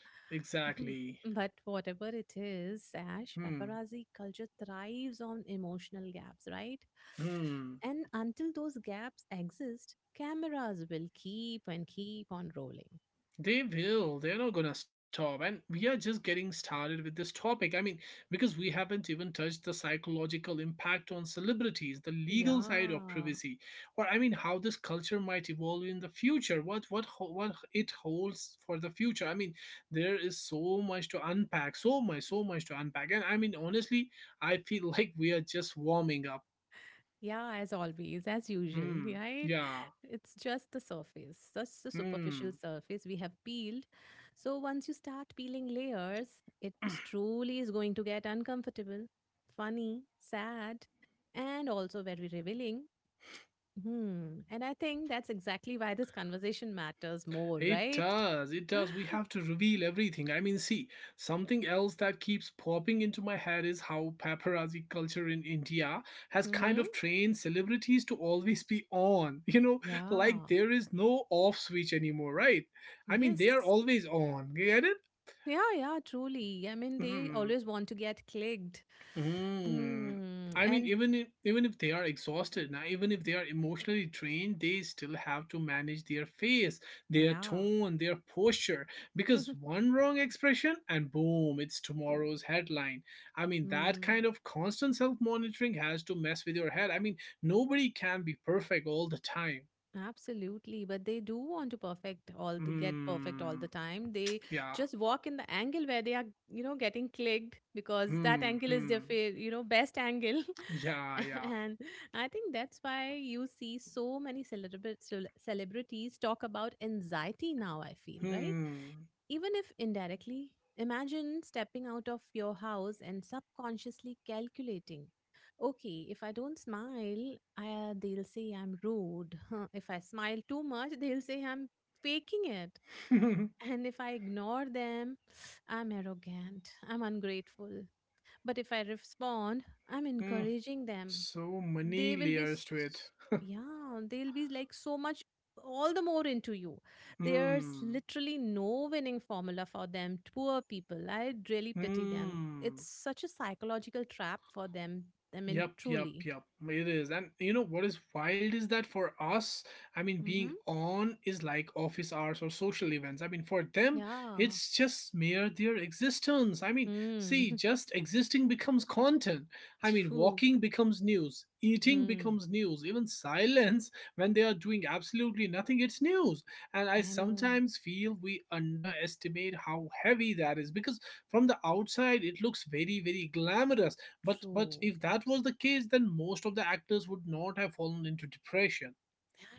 [SPEAKER 1] Exactly.
[SPEAKER 2] But whatever it is, Ash,
[SPEAKER 1] Hmm.
[SPEAKER 2] paparazzi culture thrives on emotional gaps, right?
[SPEAKER 1] Hmm.
[SPEAKER 2] And until those gaps exist, cameras will keep on rolling.
[SPEAKER 1] They will. They're not going to stop. And we are just getting started with this topic. I mean, because we haven't even touched the psychological impact on celebrities, the legal side of
[SPEAKER 2] Yeah.
[SPEAKER 1] privacy, or I mean, how this culture might evolve in the future, what it holds for the future. I mean, there is so much to unpack, so much, so much to unpack. And I mean, honestly, I feel like we are just warming up.
[SPEAKER 2] Yeah, as always, as usual,
[SPEAKER 1] Hmm.
[SPEAKER 2] right?
[SPEAKER 1] Yeah.
[SPEAKER 2] It's just the surface, just the superficial
[SPEAKER 1] Hmm.
[SPEAKER 2] surface we have peeled. So once you start peeling layers, it truly is going to get uncomfortable, funny, sad, and also very revealing. Hmm. And I think that's exactly why this conversation matters more,
[SPEAKER 1] It
[SPEAKER 2] right?
[SPEAKER 1] does. It does. We have to reveal everything. I mean, see, something else that keeps popping into my head is how paparazzi culture in India has kind
[SPEAKER 2] Mm-hmm.
[SPEAKER 1] of trained celebrities to always be on. You know, like
[SPEAKER 2] Yeah.
[SPEAKER 1] there is no off switch anymore, right? I mean, they are
[SPEAKER 2] Yes.
[SPEAKER 1] always on. You get it?
[SPEAKER 2] Yeah, yeah, truly. I mean, they
[SPEAKER 1] Hmm.
[SPEAKER 2] always want to get clicked.
[SPEAKER 1] Mm.
[SPEAKER 2] Hmm.
[SPEAKER 1] I mean,
[SPEAKER 2] And
[SPEAKER 1] even if they are exhausted, now even if they are emotionally drained, they still have to manage their face, their
[SPEAKER 2] yeah.
[SPEAKER 1] tone, their posture. Because one wrong expression and boom, it's tomorrow's headline. I mean, that
[SPEAKER 2] Mm,
[SPEAKER 1] kind of constant self-monitoring has to mess with your head. I mean, nobody can be perfect all the time.
[SPEAKER 2] absolutely. But they do want to perfect all the get perfect all
[SPEAKER 1] Hmm.
[SPEAKER 2] the time. They
[SPEAKER 1] Yeah.
[SPEAKER 2] just walk in the angle where they are, you know, getting clicked because that
[SPEAKER 1] Hmm.
[SPEAKER 2] angle is their
[SPEAKER 1] Hmm.
[SPEAKER 2] you know, best angle.
[SPEAKER 1] Yeah. Yeah.
[SPEAKER 2] And I think that's why you see so many celebrities talk about anxiety now, I feel, right?
[SPEAKER 1] Hmm.
[SPEAKER 2] Even if indirectly, imagine stepping out of your house and subconsciously calculating. Okay, if I don't smile, they'll say I'm rude. If I smile too much, they'll say I'm faking it. And if I ignore them, I'm arrogant, I'm ungrateful. But if I respond, I'm
[SPEAKER 1] hmm.
[SPEAKER 2] encouraging them.
[SPEAKER 1] So
[SPEAKER 2] They
[SPEAKER 1] many
[SPEAKER 2] will be
[SPEAKER 1] layers to it.
[SPEAKER 2] s- Yeah, they'll be like so much all the more into you. There's
[SPEAKER 1] 嗯，
[SPEAKER 2] literally no winning formula for them. Poor people, I really pity them. It's
[SPEAKER 1] 嗯。
[SPEAKER 2] such a psychological trap for them. I mean,
[SPEAKER 1] Yep, yep,
[SPEAKER 2] truly.
[SPEAKER 1] yep. It is. And you know what is wild is that for us, I mean,
[SPEAKER 2] Mm-hmm.
[SPEAKER 1] being on is like office hours or social events. I mean, for them,
[SPEAKER 2] Yeah.
[SPEAKER 1] it's just mere their existence. I mean, see,
[SPEAKER 2] Mm.
[SPEAKER 1] just existing becomes content. I mean,
[SPEAKER 2] True.
[SPEAKER 1] walking becomes news, eating
[SPEAKER 2] Hmm.
[SPEAKER 1] becomes news, even silence when they are doing absolutely nothing, it's news. And I
[SPEAKER 2] I know.
[SPEAKER 1] sometimes feel we underestimate how heavy that is, because from the outside, it looks very, very glamorous, but
[SPEAKER 2] True.
[SPEAKER 1] if that
[SPEAKER 2] Yes.
[SPEAKER 1] was the case, then most of the actors would not have fallen into depression.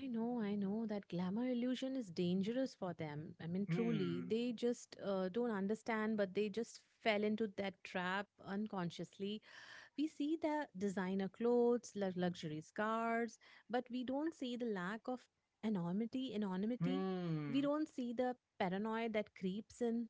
[SPEAKER 2] I know that glamour illusion is dangerous for them. I mean, truly,
[SPEAKER 1] Hmm.
[SPEAKER 2] they just don't understand, but they just fell into that trap unconsciously. We see the designer clothes, luxury cars, but we don't see the lack of anonymity, anonymity. We
[SPEAKER 1] Hmm.
[SPEAKER 2] don't see the paranoia that creeps in.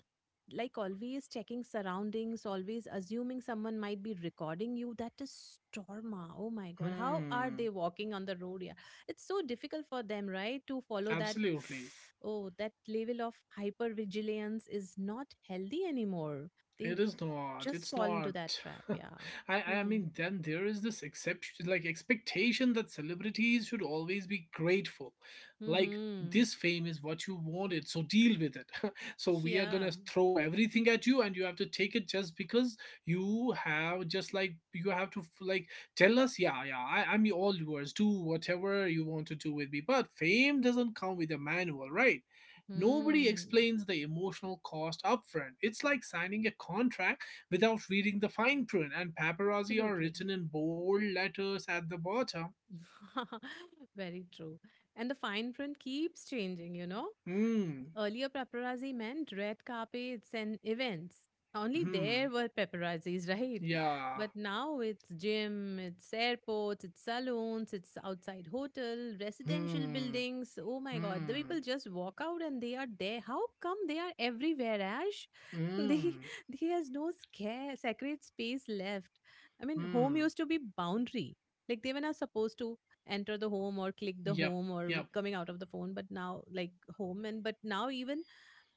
[SPEAKER 2] Like always checking surroundings, always assuming someone might be recording you. That is trauma. Oh my god. How are
[SPEAKER 1] Hmm.
[SPEAKER 2] they walking on the road? Yeah. It's so difficult for them, right? To follow that.
[SPEAKER 1] Absolutely.
[SPEAKER 2] Oh, that level of hypervigilance is not healthy anymore. They
[SPEAKER 1] It is not.
[SPEAKER 2] just
[SPEAKER 1] It's
[SPEAKER 2] fall into that
[SPEAKER 1] not.
[SPEAKER 2] trap. Yeah.
[SPEAKER 1] I
[SPEAKER 2] Hmm.
[SPEAKER 1] mean, then there is this exception, like expectation, that celebrities should always be grateful. Like,
[SPEAKER 2] Hmm.
[SPEAKER 1] this fame is what you wanted, so deal with it. So we are
[SPEAKER 2] Yeah.
[SPEAKER 1] gonna throw everything at you, and you have to take it, just because you have, just like, you have to like tell us, yeah, yeah, I'm all yours. Do whatever you want to do with me. But fame doesn't come with a manual, right? Nobody
[SPEAKER 2] Hmm.
[SPEAKER 1] explains the emotional cost upfront. It's like signing a contract without reading the fine print, and paparazzi are
[SPEAKER 2] Absolutely.
[SPEAKER 1] written in bold letters at the bottom.
[SPEAKER 2] Very true. And the fine print keeps changing, you know?
[SPEAKER 1] Hmm.
[SPEAKER 2] Earlier, paparazzi meant red carpets and events. Only there
[SPEAKER 1] Hmm.
[SPEAKER 2] were paparazzis, right?
[SPEAKER 1] Yeah.
[SPEAKER 2] But now it's gym, it's airports, it's saloons, it's outside hotel, residential
[SPEAKER 1] Hmm.
[SPEAKER 2] buildings. Oh my god, the
[SPEAKER 1] Hmm.
[SPEAKER 2] people just walk out and they are there. How come they are everywhere, Ash? they
[SPEAKER 1] Hmm.
[SPEAKER 2] There is no scare sacred space left. I mean, home
[SPEAKER 1] Hmm.
[SPEAKER 2] used to be boundary. Like they were not supposed to enter the home or click the
[SPEAKER 1] Yep.
[SPEAKER 2] home or
[SPEAKER 1] Yep.
[SPEAKER 2] coming out of the phone, but now, like, home and but now even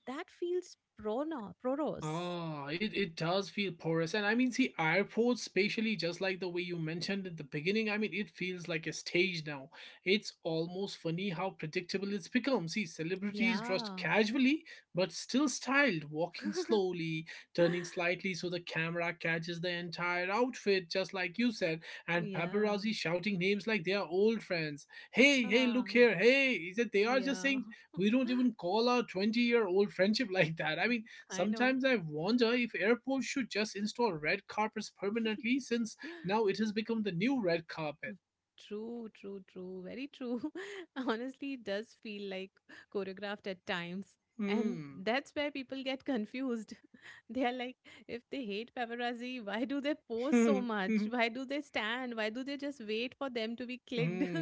[SPEAKER 2] that feels prona proros.
[SPEAKER 1] Ah, it does feel porous. And I mean, see, airports, especially just like the way you mentioned at the beginning, I mean, it feels like a stage now. It's almost funny how predictable it's become. See, celebrities dressed
[SPEAKER 2] Yeah.
[SPEAKER 1] casually, but still styled, walking slowly, turning slightly so the camera catches the entire outfit, just like you said, and
[SPEAKER 2] Yeah.
[SPEAKER 1] paparazzi shouting names like they are old friends. Hey, hey,
[SPEAKER 2] Ah,
[SPEAKER 1] look here, hey. Is that, they are just
[SPEAKER 2] yeah.
[SPEAKER 1] saying, we don't even call our 20-year-old friendship like that. I mean,
[SPEAKER 2] I know.
[SPEAKER 1] sometimes I wonder if airports should just install red carpets permanently, since now it has become the new red
[SPEAKER 2] Mm,
[SPEAKER 1] carpet.
[SPEAKER 2] true, true, true. Very true. Honestly, it does feel like choreographed at times. And
[SPEAKER 1] Hmm.
[SPEAKER 2] that's where people get confused. They are like, if they hate paparazzi, why do they pose so
[SPEAKER 1] Hmm.
[SPEAKER 2] much?
[SPEAKER 1] Hmm.
[SPEAKER 2] Why do they stand? Why do they just wait for them to be clicked?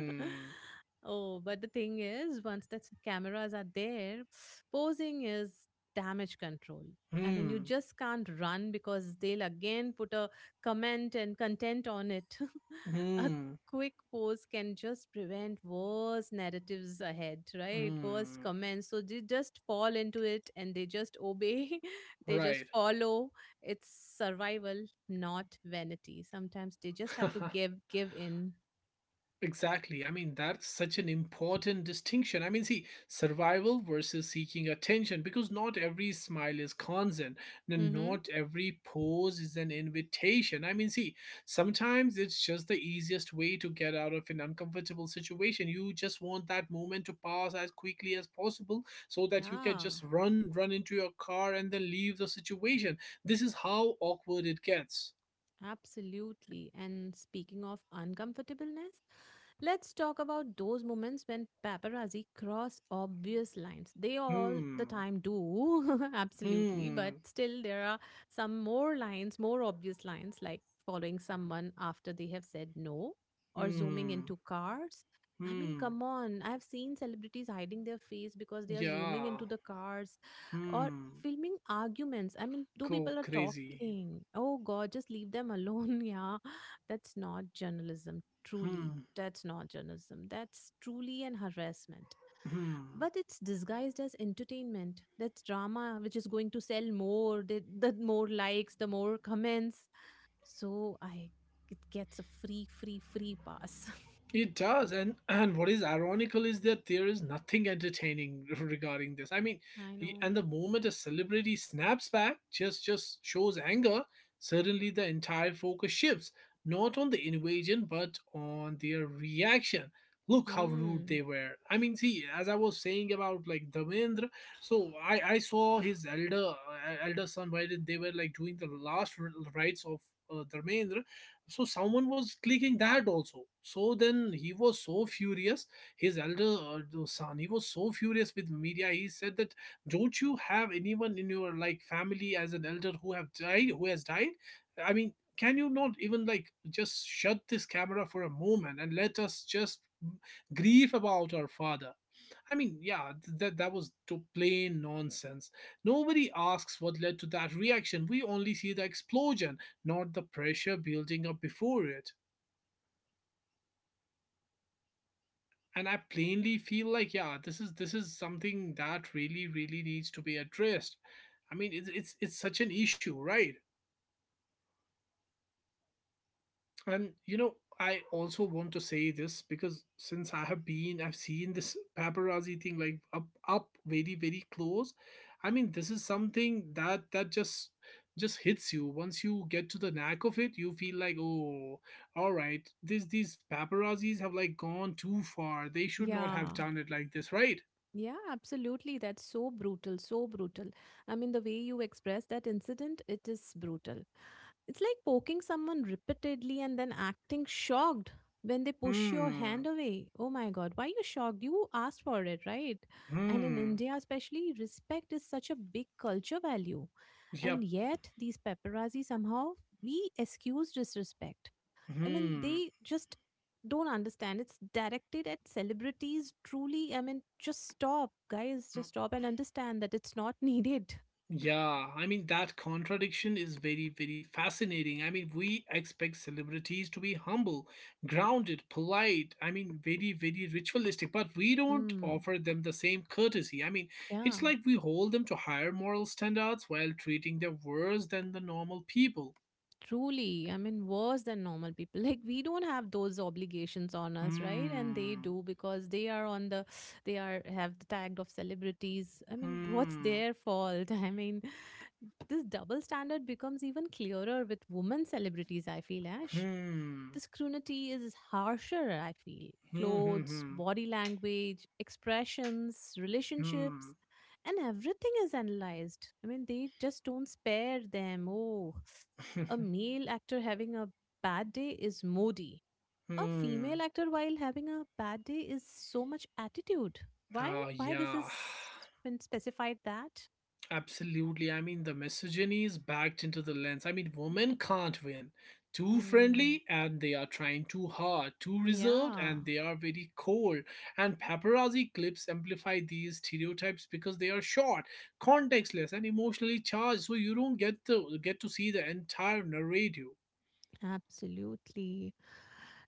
[SPEAKER 2] Oh, but the thing is, once the cameras are there, posing is damage control. I mean, you
[SPEAKER 1] Hmm.
[SPEAKER 2] just can't run because they'll again put a comment and content on it.
[SPEAKER 1] Hmm.
[SPEAKER 2] A
[SPEAKER 1] Hmm.
[SPEAKER 2] quick post can just prevent worse narratives ahead, right? Worst
[SPEAKER 1] Hmm.
[SPEAKER 2] comments. So they just fall into it and they just obey, they just
[SPEAKER 1] Right.
[SPEAKER 2] follow. It's survival, not vanity. Sometimes they just have to give in.
[SPEAKER 1] Exactly. I mean, that's such an important distinction. I mean, see, survival versus seeking attention, because not every smile is consent, and
[SPEAKER 2] Mm-hmm.
[SPEAKER 1] not every pose is an invitation. I mean, see, sometimes it's just the easiest way to get out of an uncomfortable situation. You just want that moment to pass as quickly as possible, so that you can
[SPEAKER 2] Yeah.
[SPEAKER 1] just run, run into your car, and then leave the situation. This is how awkward it gets.
[SPEAKER 2] Absolutely. And speaking of uncomfortableness, let's talk about those moments when paparazzi cross obvious lines. They all the
[SPEAKER 1] Hmm.
[SPEAKER 2] time do, absolutely. But
[SPEAKER 1] Hmm.
[SPEAKER 2] still, there are some more lines, more obvious lines, like following someone after they have said no or zooming
[SPEAKER 1] Hmm.
[SPEAKER 2] into cars. I mean,
[SPEAKER 1] Hmm.
[SPEAKER 2] come on. I've seen celebrities hiding their face because they are zooming
[SPEAKER 1] Yeah.
[SPEAKER 2] into the cars or
[SPEAKER 1] Hmm.
[SPEAKER 2] filming arguments. I mean, two
[SPEAKER 1] Go
[SPEAKER 2] people are
[SPEAKER 1] crazy.
[SPEAKER 2] talking. Oh God, just leave them alone. Yeah, that's not journalism. Truly,
[SPEAKER 1] Hmm.
[SPEAKER 2] that's not journalism. That's truly an harassment.
[SPEAKER 1] Hmm.
[SPEAKER 2] But it's disguised as entertainment. That's drama, which is going to sell more. The more likes, the more comments. So I, it gets a free, free pass.
[SPEAKER 1] It does, and what is ironical is that there is nothing entertaining regarding this. I mean,
[SPEAKER 2] I
[SPEAKER 1] he-
[SPEAKER 2] know.
[SPEAKER 1] and the moment a celebrity snaps back, just shows anger, suddenly the entire focus shifts not on the invasion but on their reaction. Look how rude
[SPEAKER 2] Hmm.
[SPEAKER 1] they were. I mean, see, as I was saying about like Damendra, so I saw his elder elder son, right? and They were like doing the last rites of Dharmendra. So someone was clicking that also, so then he was so furious. His elder The son, he was so furious with media. He said that, don't you have anyone in your like family as an elder who have died who has died? I mean, can you not even like just shut this camera for a moment and let us just grieve about our father? I mean, yeah, that was to plain nonsense. Nobody asks what led to that reaction. We only see the explosion, not the pressure building up before it. And I plainly feel like, yeah, this is something that really really needs to be addressed. I mean, it's such an issue, right? And you know, I also want to say this because since I have been, I've seen this paparazzi thing like up very, very close. I mean, this is something that just hits you. Once you get to the knack of it, you feel like, oh, all right, this these paparazzis have like gone too far. They should not have
[SPEAKER 2] Yeah.
[SPEAKER 1] done it like this, right?
[SPEAKER 2] Yeah, absolutely. That's so brutal, so brutal. I mean, the way you express that incident, it is brutal. It's like poking someone repeatedly and then acting shocked when they push your
[SPEAKER 1] Hmm.
[SPEAKER 2] hand away. Oh my God, why you shocked? You asked for it, right? And in
[SPEAKER 1] Hmm.
[SPEAKER 2] India, especially, respect is such a big culture value.
[SPEAKER 1] Yep.
[SPEAKER 2] And yet, these paparazzi somehow we excuse disrespect. I mean,
[SPEAKER 1] Hmm.
[SPEAKER 2] they just don't understand. It's directed at celebrities. Truly, I mean, just stop, guys. Just stop and understand that it's not needed.
[SPEAKER 1] Yeah, I mean, that contradiction is very, very fascinating. I mean, we expect celebrities to be humble, grounded, polite, I mean, very, very ritualistic, but we don't
[SPEAKER 2] Mm,
[SPEAKER 1] offer them the same courtesy. I mean,
[SPEAKER 2] yeah,
[SPEAKER 1] it's like we hold them to higher moral standards while treating them worse than the normal people.
[SPEAKER 2] truly. I mean, worse than normal people. Like we don't have those obligations on us, right? And they
[SPEAKER 1] Hmm,
[SPEAKER 2] do because they are on they are have the tag of celebrities. I mean, what's
[SPEAKER 1] hmm,
[SPEAKER 2] their fault? I mean, this double standard becomes even clearer with women celebrities, I feel, Ash.
[SPEAKER 1] hmm,
[SPEAKER 2] This scrutiny is harsher, I feel.
[SPEAKER 1] hmm,
[SPEAKER 2] Clothes,
[SPEAKER 1] hmm,
[SPEAKER 2] body language, expressions, relationships,
[SPEAKER 1] hmm,
[SPEAKER 2] and everything is analyzed. I mean, they just don't spare them. Oh, a
[SPEAKER 1] hmm.
[SPEAKER 2] male actor having a bad day is moody. A
[SPEAKER 1] Hmm.
[SPEAKER 2] female actor while having a bad day is so much attitude. Why?
[SPEAKER 1] Oh,
[SPEAKER 2] Why this
[SPEAKER 1] yeah.
[SPEAKER 2] is been specified that?
[SPEAKER 1] Absolutely. I mean, the misogyny is backed into the lens. I mean, women can't win. Too
[SPEAKER 2] Hmm.
[SPEAKER 1] friendly and they are trying too hard. Too reserved
[SPEAKER 2] Yeah.
[SPEAKER 1] and they are very cold. And paparazzi clips amplify these stereotypes because they are short, contextless, and emotionally charged. So you don't get to see the entire narrative.
[SPEAKER 2] Absolutely.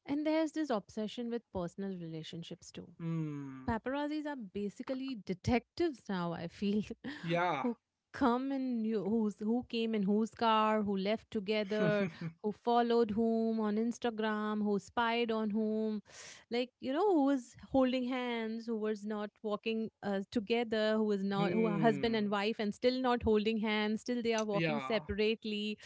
[SPEAKER 2] And there's this obsession with personal relationships too.
[SPEAKER 1] Hmm.
[SPEAKER 2] Paparazzis are basically detectives now, I feel,
[SPEAKER 1] Yeah.
[SPEAKER 2] who come and you, who's who came in whose car, who left together, who followed whom on Instagram, who spied on whom, like you know, who was holding hands, who was not walking together, who was not, who are husband and
[SPEAKER 1] Hmm.
[SPEAKER 2] wife and still not holding hands, still they are walking
[SPEAKER 1] Yeah.
[SPEAKER 2] separately,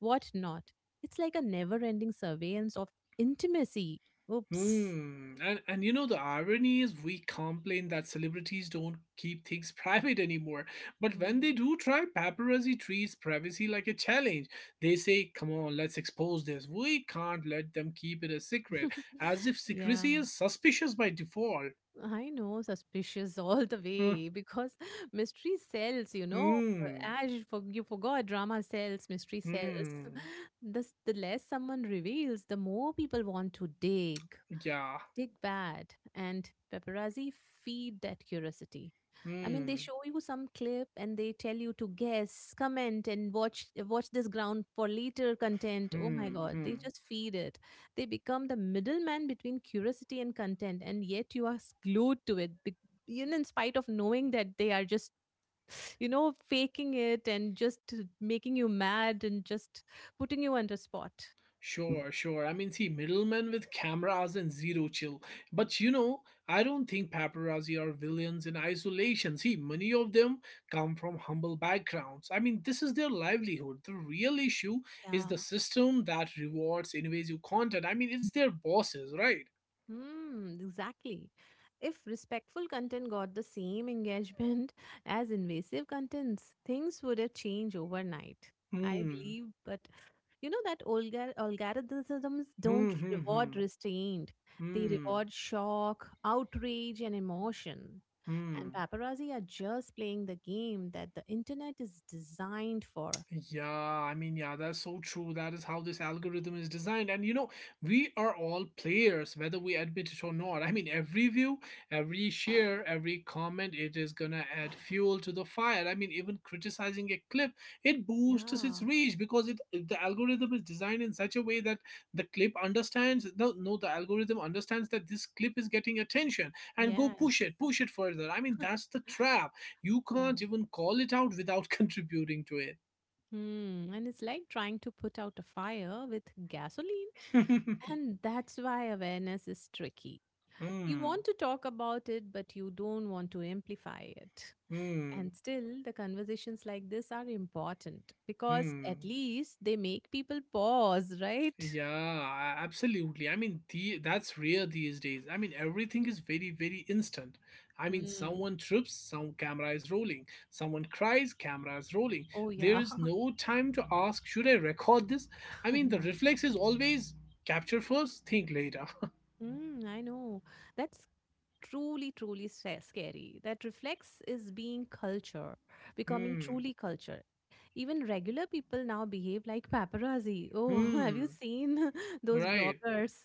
[SPEAKER 2] what not. It's like a never ending surveillance of intimacy. Oops.
[SPEAKER 1] Hmm. And you know, the irony is we complain that celebrities don't keep things private anymore. But when
[SPEAKER 2] Mm.
[SPEAKER 1] they do try, paparazzi treats privacy like a challenge. They say, "Come on, let's expose this. We can't let them keep it a secret." As if
[SPEAKER 2] Yeah,
[SPEAKER 1] secrecy is suspicious by default.
[SPEAKER 2] I know, suspicious all the
[SPEAKER 1] Hmm.
[SPEAKER 2] way because mystery sells, you know.
[SPEAKER 1] Hmm.
[SPEAKER 2] As you you forgot, drama sells, mystery sells.
[SPEAKER 1] Hmm.
[SPEAKER 2] The less someone reveals, the more people want to dig.
[SPEAKER 1] Yeah.
[SPEAKER 2] Dig bad and Paparazzi feed that curiosity. I mean, they
[SPEAKER 1] Hmm.
[SPEAKER 2] show you some clip and they tell you to guess, comment, and watch this ground for later content. Oh my
[SPEAKER 1] Hmm.
[SPEAKER 2] God, they
[SPEAKER 1] Hmm.
[SPEAKER 2] just feed it. They become the middleman between curiosity and content, and yet you are glued to it. Even in spite of knowing that they are just, you know, faking it and just making you mad and just putting you under spot.
[SPEAKER 1] Sure, sure. I mean, see, middlemen with cameras and zero chill. But you know, I don't think paparazzi are villains in isolation. See, many of them come from humble backgrounds. I mean, this is their livelihood. The real issue is
[SPEAKER 2] Yeah.
[SPEAKER 1] the system that rewards invasive content. I mean, it's their bosses, right?
[SPEAKER 2] Hmm, exactly. If respectful content got the same engagement as invasive contents, things would have changed overnight. I
[SPEAKER 1] Hmm.
[SPEAKER 2] believe, but you know that algorithms
[SPEAKER 1] Hmm.
[SPEAKER 2] don't
[SPEAKER 1] Hmm.
[SPEAKER 2] reward
[SPEAKER 1] Hmm.
[SPEAKER 2] restraint. They
[SPEAKER 1] Hmm.
[SPEAKER 2] reward shock, outrage, and emotion. And
[SPEAKER 1] Hmm.
[SPEAKER 2] paparazzi are just playing the game that the internet is designed for.
[SPEAKER 1] Yeah, I mean, yeah, that's so true. That is how this algorithm is designed. And you know, we are all players, whether we admit it or not. I mean, every view, every share, every comment, it is gonna add fuel to the fire. I mean, even criticizing a clip, it boosts its
[SPEAKER 2] Yeah.
[SPEAKER 1] reach because it the algorithm is designed in such a way that the clip understands no no the algorithm understands that this clip is getting attention and go
[SPEAKER 2] Yes.
[SPEAKER 1] push it further. I mean, that's the trap. You can't
[SPEAKER 2] Yeah.
[SPEAKER 1] even call it out without contributing to it.
[SPEAKER 2] Hmm. And it's like trying to put out a fire with gasoline. And that's why awareness is tricky. You
[SPEAKER 1] Hmm.
[SPEAKER 2] want to talk about it, but you don't want to amplify it.
[SPEAKER 1] Hmm.
[SPEAKER 2] And still, the conversations like this are important because
[SPEAKER 1] Hmm.
[SPEAKER 2] at least they make people pause, right?
[SPEAKER 1] Yeah, absolutely. I mean, the that's rare these days. I mean, everything is very, very instant. I mean,
[SPEAKER 2] Hmm.
[SPEAKER 1] someone trips, some camera is rolling. Someone cries, camera is rolling.
[SPEAKER 2] Oh,
[SPEAKER 1] There
[SPEAKER 2] yeah,
[SPEAKER 1] is no time to ask, should I record this? I
[SPEAKER 2] I
[SPEAKER 1] mean, the
[SPEAKER 2] know.
[SPEAKER 1] reflex is always capture first, think later.
[SPEAKER 2] Mm, I know. That's truly, truly scary. That reflex is being culture, becoming
[SPEAKER 1] Hmm.
[SPEAKER 2] truly culture. Even regular people now behave like paparazzi. Oh, have you
[SPEAKER 1] Hmm.
[SPEAKER 2] seen those
[SPEAKER 1] Right.
[SPEAKER 2] bloggers?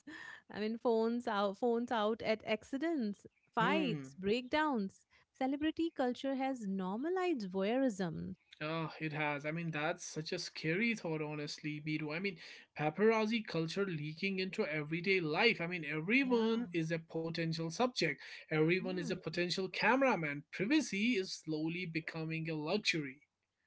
[SPEAKER 2] I mean, phones out at accidents, fights,
[SPEAKER 1] Hmm.
[SPEAKER 2] breakdowns. Celebrity culture has normalized voyeurism.
[SPEAKER 1] Oh, it has. I mean, that's such a scary thought, honestly, Biro. I mean, paparazzi culture leaking into everyday life. I mean,
[SPEAKER 2] Yeah.
[SPEAKER 1] everyone is a potential subject, everyone is a potential cameraman. Privacy is slowly becoming a luxury.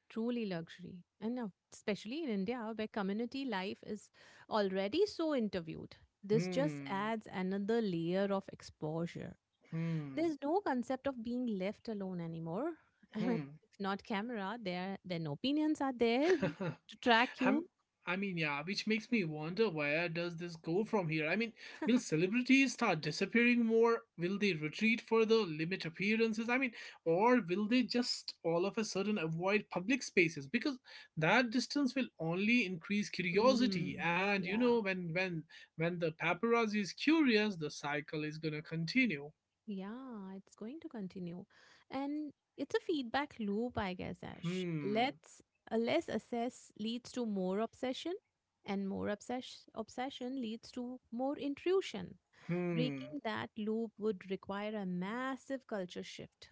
[SPEAKER 2] Truly luxury. And now, especially in India, where community life is already so interviewed, this just
[SPEAKER 1] Hmm,
[SPEAKER 2] adds another layer of exposure.
[SPEAKER 1] hmm,
[SPEAKER 2] There's no concept of being left alone anymore. And
[SPEAKER 1] hmm.
[SPEAKER 2] if not camera, there then opinions are there to track
[SPEAKER 1] I'm,
[SPEAKER 2] you.
[SPEAKER 1] I mean, yeah, which makes me wonder, where does this go from here? I mean, will celebrities start disappearing more? Will they retreat further, limit appearances? I mean, or will they just all of a sudden avoid public spaces? Because that distance will only increase curiosity,
[SPEAKER 2] Mm,
[SPEAKER 1] and you know,
[SPEAKER 2] yeah.
[SPEAKER 1] when the paparazzi is curious, the cycle is gonna continue.
[SPEAKER 2] Yeah, it's going to continue. And it's a feedback loop, I guess, Ash.
[SPEAKER 1] Hmm.
[SPEAKER 2] Let's a less assess leads to more obsession, and more obsession leads to more intrusion.
[SPEAKER 1] Hmm.
[SPEAKER 2] Breaking that loop would require a massive culture shift.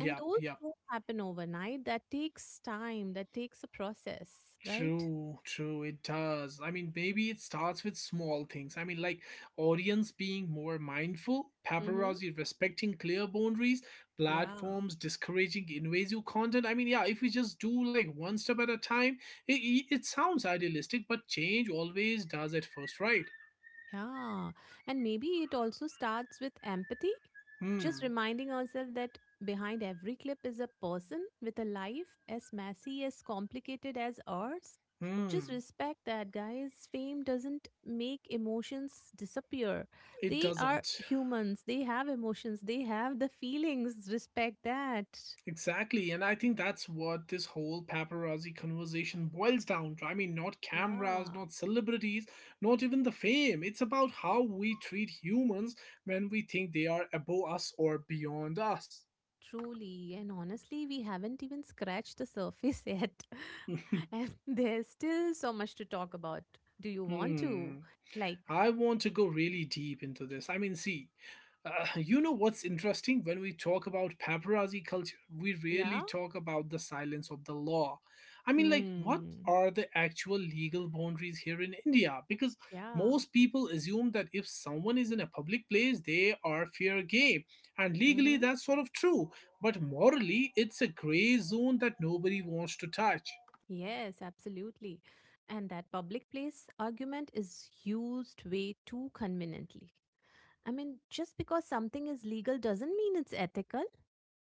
[SPEAKER 2] And those
[SPEAKER 1] Yep.
[SPEAKER 2] don't happen overnight. That takes time, that takes a process, right?
[SPEAKER 1] True, true, it does. I mean, maybe it starts with small things. I mean, like audience being more mindful,
[SPEAKER 2] Mm-hmm.
[SPEAKER 1] paparazzi respecting clear boundaries,
[SPEAKER 2] Yeah.
[SPEAKER 1] platforms discouraging invasive content. I mean, yeah, if we just do like one step at a time, it sounds idealistic, but change always does at first, right?
[SPEAKER 2] Yeah. And maybe it also starts with empathy, just
[SPEAKER 1] Hmm,
[SPEAKER 2] reminding ourselves that behind every clip is a person with a life as messy, as complicated as ours. Just
[SPEAKER 1] hmm,
[SPEAKER 2] respect that, guys. Fame doesn't make emotions disappear.
[SPEAKER 1] it
[SPEAKER 2] They are
[SPEAKER 1] doesn't.
[SPEAKER 2] humans, they have emotions, they have the feelings. Respect that.
[SPEAKER 1] Exactly, and I think that's what this whole paparazzi conversation boils down to. I mean, not cameras,
[SPEAKER 2] Yeah.
[SPEAKER 1] not celebrities, not even the fame. It's about how we treat humans when we think they are above us or beyond us.
[SPEAKER 2] Truly, and honestly, we haven't even scratched the surface yet, and there's still so much to talk about. Do you want to?
[SPEAKER 1] Hmm.
[SPEAKER 2] Like,
[SPEAKER 1] I want to go really deep into this. I mean, see, you know what's interesting? When we talk about paparazzi culture, we
[SPEAKER 2] yeah?
[SPEAKER 1] really talk about the silence of the law. I mean, like, what
[SPEAKER 2] Hmm.
[SPEAKER 1] are the actual legal boundaries here in India? Because
[SPEAKER 2] Yeah.
[SPEAKER 1] most people assume that if someone is in a public place, they are fair game. And legally,
[SPEAKER 2] Mm-hmm.
[SPEAKER 1] that's sort of true. But morally, it's a gray zone that nobody wants to touch.
[SPEAKER 2] Yes, absolutely. And that public place argument is used way too conveniently. I mean, just because something is legal doesn't mean it's ethical.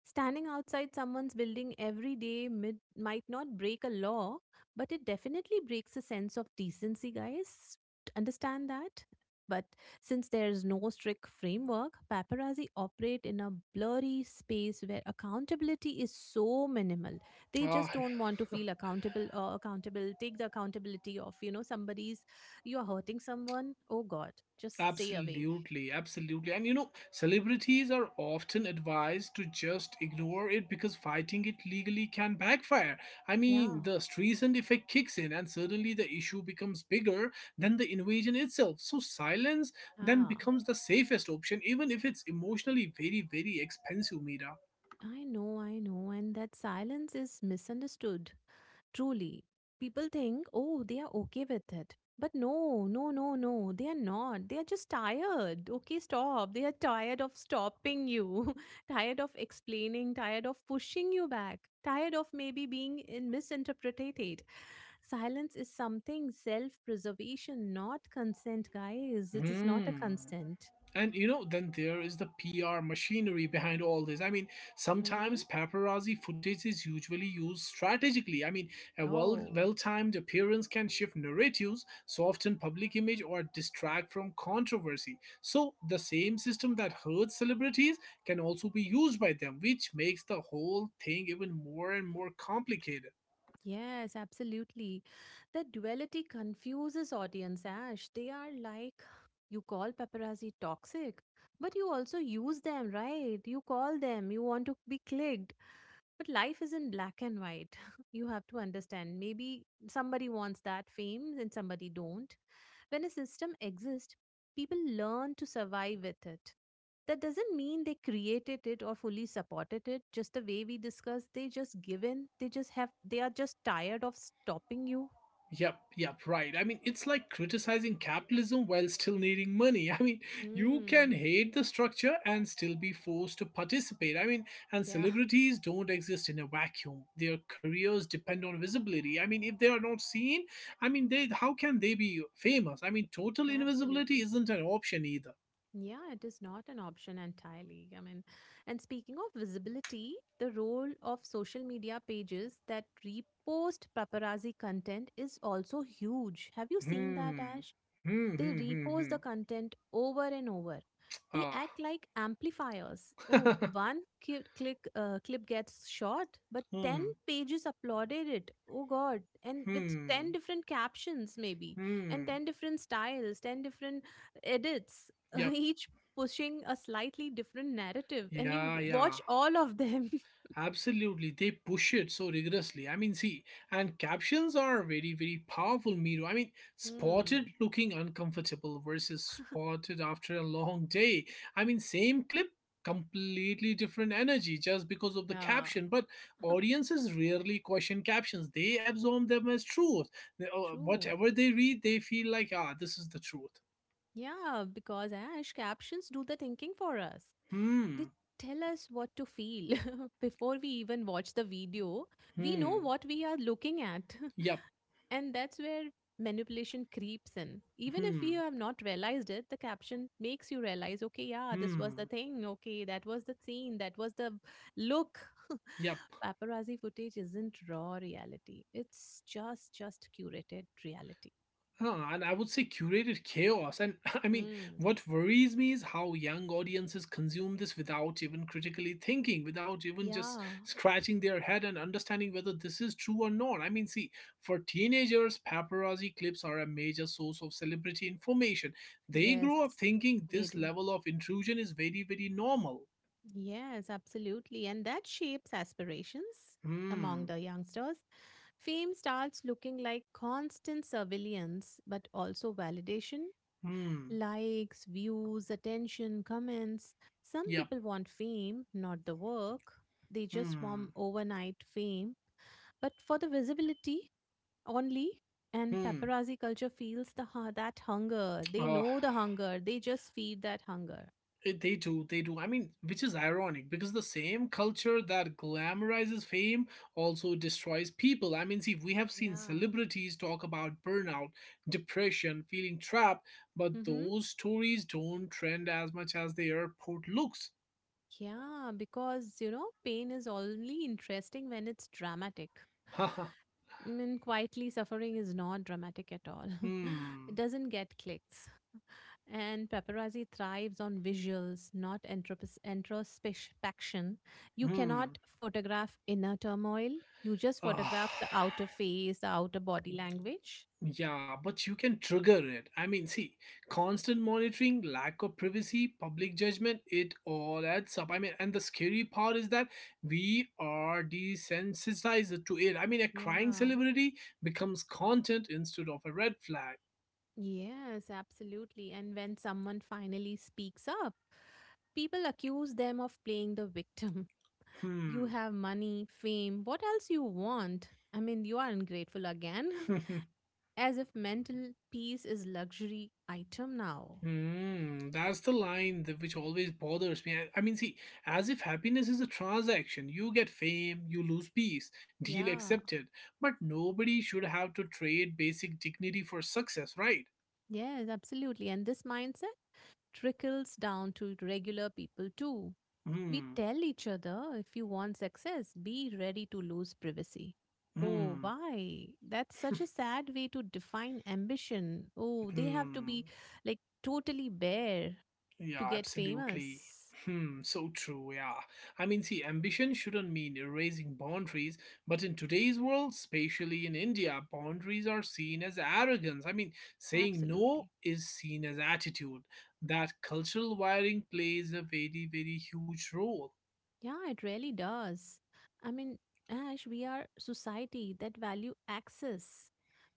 [SPEAKER 2] Standing outside someone's building every day might not break a law, but it definitely breaks a sense of decency, guys. Understand that? But since there's no strict framework, paparazzi operate in a blurry space where accountability is so minimal. They
[SPEAKER 1] Ah,
[SPEAKER 2] just don't want to feel accountable or accountable, take the accountability of, you know, somebody's, you are hurting someone. Oh God, just stay away.
[SPEAKER 1] absolutely, absolutely. And you know, celebrities are often advised to just ignore it because fighting it legally can backfire. I mean,
[SPEAKER 2] Yeah.
[SPEAKER 1] the Streisand effect kicks in, and suddenly the issue becomes bigger than the invasion itself. So, silence then
[SPEAKER 2] Yeah.
[SPEAKER 1] becomes the safest option, even if it's emotionally very, very expensive, Mira.
[SPEAKER 2] I know, I know. And that silence is misunderstood. Truly. People think, oh, they are okay with it. But no, no, no, no, they are not. They are just tired. Okay, stop. They are tired of stopping you, tired of explaining, tired of pushing you back, tired of maybe being in misinterpreted. Silence is something self preservation, not consent, guys. It is not a
[SPEAKER 1] Hmm.
[SPEAKER 2] consent.
[SPEAKER 1] And you know, then there is the PR machinery behind all this. I mean,
[SPEAKER 2] Mm-hmm.
[SPEAKER 1] sometimes paparazzi footage is usually used strategically. I mean, a
[SPEAKER 2] Oh.
[SPEAKER 1] well timed appearance can shift narratives, soften public image, or distract from controversy. So the same system that hurts celebrities can also be used by them, which makes the whole thing even more and more complicated.
[SPEAKER 2] Yes, absolutely. The duality confuses audience, Ash. They are like, you call paparazzi toxic, but you also use them, right? You call them, you want to be clicked. But life isn't black and white. You have to understand. Maybe somebody wants that fame and somebody don't. When a system exists, people learn to survive with it. That doesn't mean they created it or fully supported it. Just the way we discussed, they just given. They just have. They are just tired of stopping you.
[SPEAKER 1] Yep, yep, right. I mean, it's like criticizing capitalism while still needing money. I mean, you can
[SPEAKER 2] Mm.
[SPEAKER 1] hate the structure and still be forced to participate. I mean, and
[SPEAKER 2] Yeah.
[SPEAKER 1] celebrities don't exist in a vacuum. Their careers depend on visibility. I mean, if they are not seen, I mean, they how can they be famous? I mean, total
[SPEAKER 2] Yeah.
[SPEAKER 1] invisibility
[SPEAKER 2] Absolutely.
[SPEAKER 1] isn't an option either.
[SPEAKER 2] Yeah, it is not an option entirely. I mean, and speaking of visibility, the role of social media pages that repost paparazzi content is also huge. Have you seen that,
[SPEAKER 1] Hmm.
[SPEAKER 2] Ash?
[SPEAKER 1] Hmm,
[SPEAKER 2] They
[SPEAKER 1] hmm, hmm,
[SPEAKER 2] repost
[SPEAKER 1] hmm.
[SPEAKER 2] the content over and over. They
[SPEAKER 1] Ah.
[SPEAKER 2] act like amplifiers. Oh, one click clip gets shot, but 10
[SPEAKER 1] Hmm,
[SPEAKER 2] pages uploaded it. Oh god, and with 10
[SPEAKER 1] hmm,
[SPEAKER 2] different captions maybe, and
[SPEAKER 1] hmm.
[SPEAKER 2] 10 different styles, 10 different edits,
[SPEAKER 1] Yep.
[SPEAKER 2] each pushing a slightly different narrative and you
[SPEAKER 1] Yeah, yeah.
[SPEAKER 2] watch all of them.
[SPEAKER 1] Absolutely, they push it so rigorously. I mean, see, and captions are very, very powerful, Miro. I mean, spotted
[SPEAKER 2] Hmm.
[SPEAKER 1] looking uncomfortable versus spotted after a long day. I mean, same clip, completely different energy just because of the
[SPEAKER 2] Yeah,
[SPEAKER 1] caption. But audiences rarely question captions, they absorb them as truth.
[SPEAKER 2] true.
[SPEAKER 1] Whatever they read, they feel like, ah, this is the truth.
[SPEAKER 2] Yeah, because Ash captions do the thinking for us. They
[SPEAKER 1] Hmm,
[SPEAKER 2] tell us what to feel before we even watch the video. We know
[SPEAKER 1] hmm,
[SPEAKER 2] what we are looking at.
[SPEAKER 1] yep,
[SPEAKER 2] And that's where manipulation creeps in. Even if you
[SPEAKER 1] hmm,
[SPEAKER 2] have not realized it, the caption makes you realize, okay, yeah, this was the
[SPEAKER 1] hmm,
[SPEAKER 2] thing, okay, that was the scene, that was the look.
[SPEAKER 1] yep.
[SPEAKER 2] Paparazzi footage isn't raw reality. It's just curated reality.
[SPEAKER 1] Huh, and I would say curated chaos. And I mean,
[SPEAKER 2] Hmm.
[SPEAKER 1] what worries me is how young audiences consume this without even critically thinking, without even just
[SPEAKER 2] Yeah.
[SPEAKER 1] scratching their head and understanding whether this is true or not. I mean, see, for teenagers, paparazzi clips are a major source of celebrity information. They
[SPEAKER 2] Yes,
[SPEAKER 1] grow up thinking
[SPEAKER 2] they
[SPEAKER 1] this
[SPEAKER 2] do.
[SPEAKER 1] level of intrusion is very, very normal.
[SPEAKER 2] Yes, absolutely. And that shapes aspirations among
[SPEAKER 1] Hmm,
[SPEAKER 2] the youngsters. Fame starts looking like constant surveillance, but also validation
[SPEAKER 1] hmm,
[SPEAKER 2] likes, views, attention, comments. Some
[SPEAKER 1] yep,
[SPEAKER 2] people want fame, not the work. They just
[SPEAKER 1] hmm,
[SPEAKER 2] want overnight fame, but for the visibility only. And
[SPEAKER 1] hmm.
[SPEAKER 2] paparazzi culture feels that hunger. They
[SPEAKER 1] Uh,
[SPEAKER 2] know the hunger. They just feed that hunger.
[SPEAKER 1] They do, they do. I mean, which is ironic because the same culture that glamorizes fame also destroys people. I mean, see, we have seen
[SPEAKER 2] Yeah.
[SPEAKER 1] celebrities talk about burnout, depression, feeling trapped, but
[SPEAKER 2] Mm-hmm.
[SPEAKER 1] those stories don't trend as much as the airport looks.
[SPEAKER 2] Yeah, because you know, pain is only interesting when it's dramatic.
[SPEAKER 1] Haha.
[SPEAKER 2] I mean, quietly suffering is not dramatic at all. It
[SPEAKER 1] Hmm.
[SPEAKER 2] doesn't get clicks. And paparazzi thrives on visuals, not introspection. You cannot
[SPEAKER 1] Hmm.
[SPEAKER 2] photograph inner turmoil. You just
[SPEAKER 1] Ah.
[SPEAKER 2] photograph the outer face, the outer body language.
[SPEAKER 1] Yeah, but you can trigger it. I mean, see, constant monitoring, lack of privacy, public judgment, it all adds up. I mean, and the scary part is that we are desensitized to it. I mean, a crying
[SPEAKER 2] Yeah.
[SPEAKER 1] celebrity becomes content instead of a red flag.
[SPEAKER 2] Yes, absolutely. And when someone finally speaks up, people accuse them of playing the victim you
[SPEAKER 1] Hmm.
[SPEAKER 2] have money, fame, what else you want? I mean, you are ungrateful again. As if mental peace is luxury item now.
[SPEAKER 1] Hmm, that's the line that, which always bothers me. I mean, see, as if happiness is a transaction. You get fame, you lose peace, deal
[SPEAKER 2] Yeah.
[SPEAKER 1] accepted. But nobody should have to trade basic dignity for success, right?
[SPEAKER 2] Yes, absolutely. And this mindset trickles down to regular people too. We
[SPEAKER 1] Hmm,
[SPEAKER 2] tell each other if you want success, be ready to lose privacy. Oh,
[SPEAKER 1] hmm,
[SPEAKER 2] why? That's such a sad way to define ambition. Oh, they have to
[SPEAKER 1] hmm.
[SPEAKER 2] be like totally bare to
[SPEAKER 1] Yeah,
[SPEAKER 2] get
[SPEAKER 1] absolutely.
[SPEAKER 2] famous.
[SPEAKER 1] Hmm, so true, yeah. I mean, see, ambition shouldn't mean erasing boundaries, but in today's world, especially in India, boundaries are seen as arrogance. I mean, saying
[SPEAKER 2] Absolutely.
[SPEAKER 1] no is seen as attitude. That cultural wiring plays a very, very huge role.
[SPEAKER 2] Yeah, it really does. I mean, Ash, we are society that value access.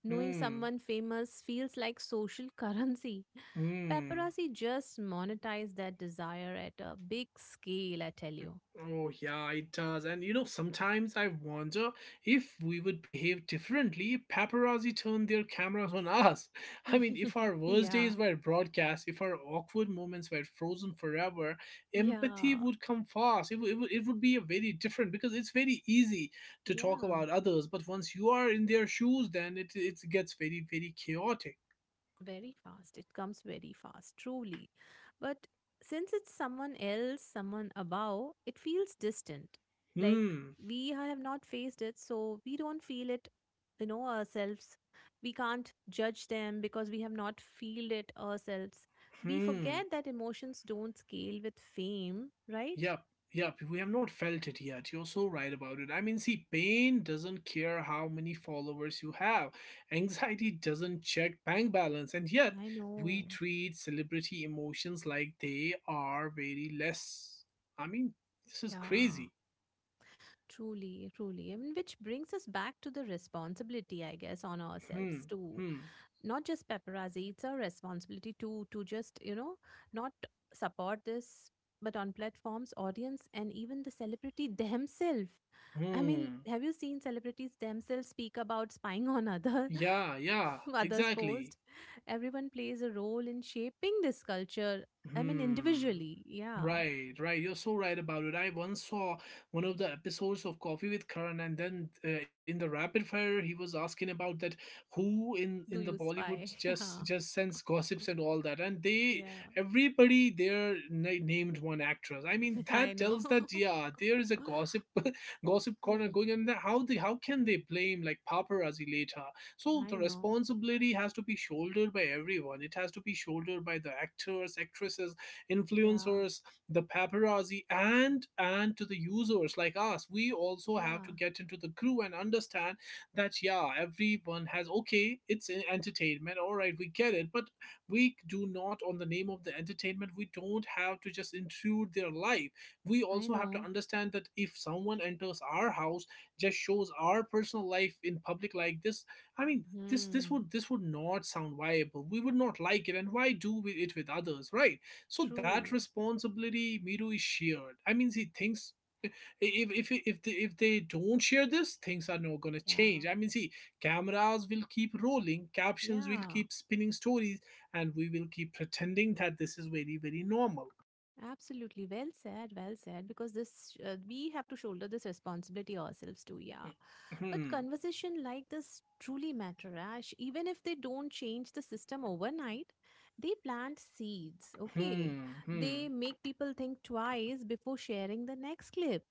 [SPEAKER 2] Knowing
[SPEAKER 1] Hmm,
[SPEAKER 2] someone famous feels like social currency.
[SPEAKER 1] hmm.
[SPEAKER 2] Paparazzi just monetize that desire at a big scale, I tell you.
[SPEAKER 1] Oh, yeah, it does. And you know, sometimes I wonder if we would behave differently if paparazzi turned their cameras on us. I mean, if our worst
[SPEAKER 2] Yeah,
[SPEAKER 1] days were broadcast, if our awkward moments were frozen forever, empathy
[SPEAKER 2] yeah,
[SPEAKER 1] would come fast. It would be a very different because it's very easy to talk
[SPEAKER 2] yeah.
[SPEAKER 1] about others, but once you are in their shoes, then it gets very, very chaotic.
[SPEAKER 2] Very fast. It comes very fast, truly. But since it's someone else, someone above, it feels distant. Like
[SPEAKER 1] Hmm,
[SPEAKER 2] we have not faced it, so we don't feel it, you know, ourselves. We can't judge them because we have not feel it ourselves. We forget
[SPEAKER 1] hmm.
[SPEAKER 2] that emotions don't scale with fame, right?
[SPEAKER 1] Yep, yep, we have not felt it yet. You're so right about it. I mean, see, pain doesn't care how many followers you have, anxiety doesn't check bank balance, and yet
[SPEAKER 2] I
[SPEAKER 1] we
[SPEAKER 2] know.
[SPEAKER 1] treat celebrity emotions like they are very less. I mean, this is
[SPEAKER 2] Yeah.
[SPEAKER 1] crazy.
[SPEAKER 2] Truly, truly. I mean, which brings us back to the responsibility, I guess, on ourselves
[SPEAKER 1] Hmm,
[SPEAKER 2] too
[SPEAKER 1] hmm,
[SPEAKER 2] not just paparazzi it's our responsibility to just you know not support this but on platforms audience and even the celebrity themselves. I mean
[SPEAKER 1] hmm.
[SPEAKER 2] have you seen celebrities themselves speak about spying on other
[SPEAKER 1] Yeah, yeah,
[SPEAKER 2] others
[SPEAKER 1] exactly.
[SPEAKER 2] post everyone plays a role in shaping this culture. I mean
[SPEAKER 1] Hmm.
[SPEAKER 2] individually yeah
[SPEAKER 1] Right, right. You're so right about it. I once saw one of the episodes of Coffee with Karan, and then in the rapid fire, he was asking about that who in
[SPEAKER 2] do
[SPEAKER 1] the
[SPEAKER 2] you
[SPEAKER 1] Bollywood
[SPEAKER 2] spy
[SPEAKER 1] just
[SPEAKER 2] yeah
[SPEAKER 1] just sends gossips and all that, and they
[SPEAKER 2] yeah
[SPEAKER 1] everybody there named one actress. I mean,
[SPEAKER 2] I
[SPEAKER 1] that
[SPEAKER 2] know.
[SPEAKER 1] tells that yeah, there is a gossip gossip corner
[SPEAKER 2] Hmm.
[SPEAKER 1] going on. That how they how can they blame like paparazzi later? So the
[SPEAKER 2] I know.
[SPEAKER 1] responsibility has to be shouldered by everyone. It has to be shouldered by the actors, actresses,
[SPEAKER 2] Yeah.
[SPEAKER 1] influencers, the paparazzi, and to the users like us. We also have to
[SPEAKER 2] Yeah.
[SPEAKER 1] get into the crew and understand that yeah, everyone has, okay, it's an entertainment, all right, we get it, but we do not on the name of the entertainment, we don't have to just intrude their life. We
[SPEAKER 2] I
[SPEAKER 1] also have to
[SPEAKER 2] know.
[SPEAKER 1] understand that if someone enters our house, just shows our personal life in public like this, I mean, this
[SPEAKER 2] Hmm.
[SPEAKER 1] would, this would not sound viable. We would not like it, and why do we it with others, right? So that
[SPEAKER 2] True.
[SPEAKER 1] responsibility, Miru, is shared. I mean, see, things. If they don't share this, things are not gonna
[SPEAKER 2] Yeah.
[SPEAKER 1] change. I mean, see, cameras will keep rolling, captions will
[SPEAKER 2] Yeah.
[SPEAKER 1] keep spinning stories, and we will keep pretending that this is very, very normal.
[SPEAKER 2] Absolutely. Well said. Well said. Because this, we have to shoulder this responsibility ourselves too. Yeah. But
[SPEAKER 1] Mm-hmm.
[SPEAKER 2] conversation like this truly matter, Ash. Even if they don't change the system overnight, they plant seeds. Okay.
[SPEAKER 1] Hmm. Hmm. Hmm.
[SPEAKER 2] They make people think twice before sharing the next clip.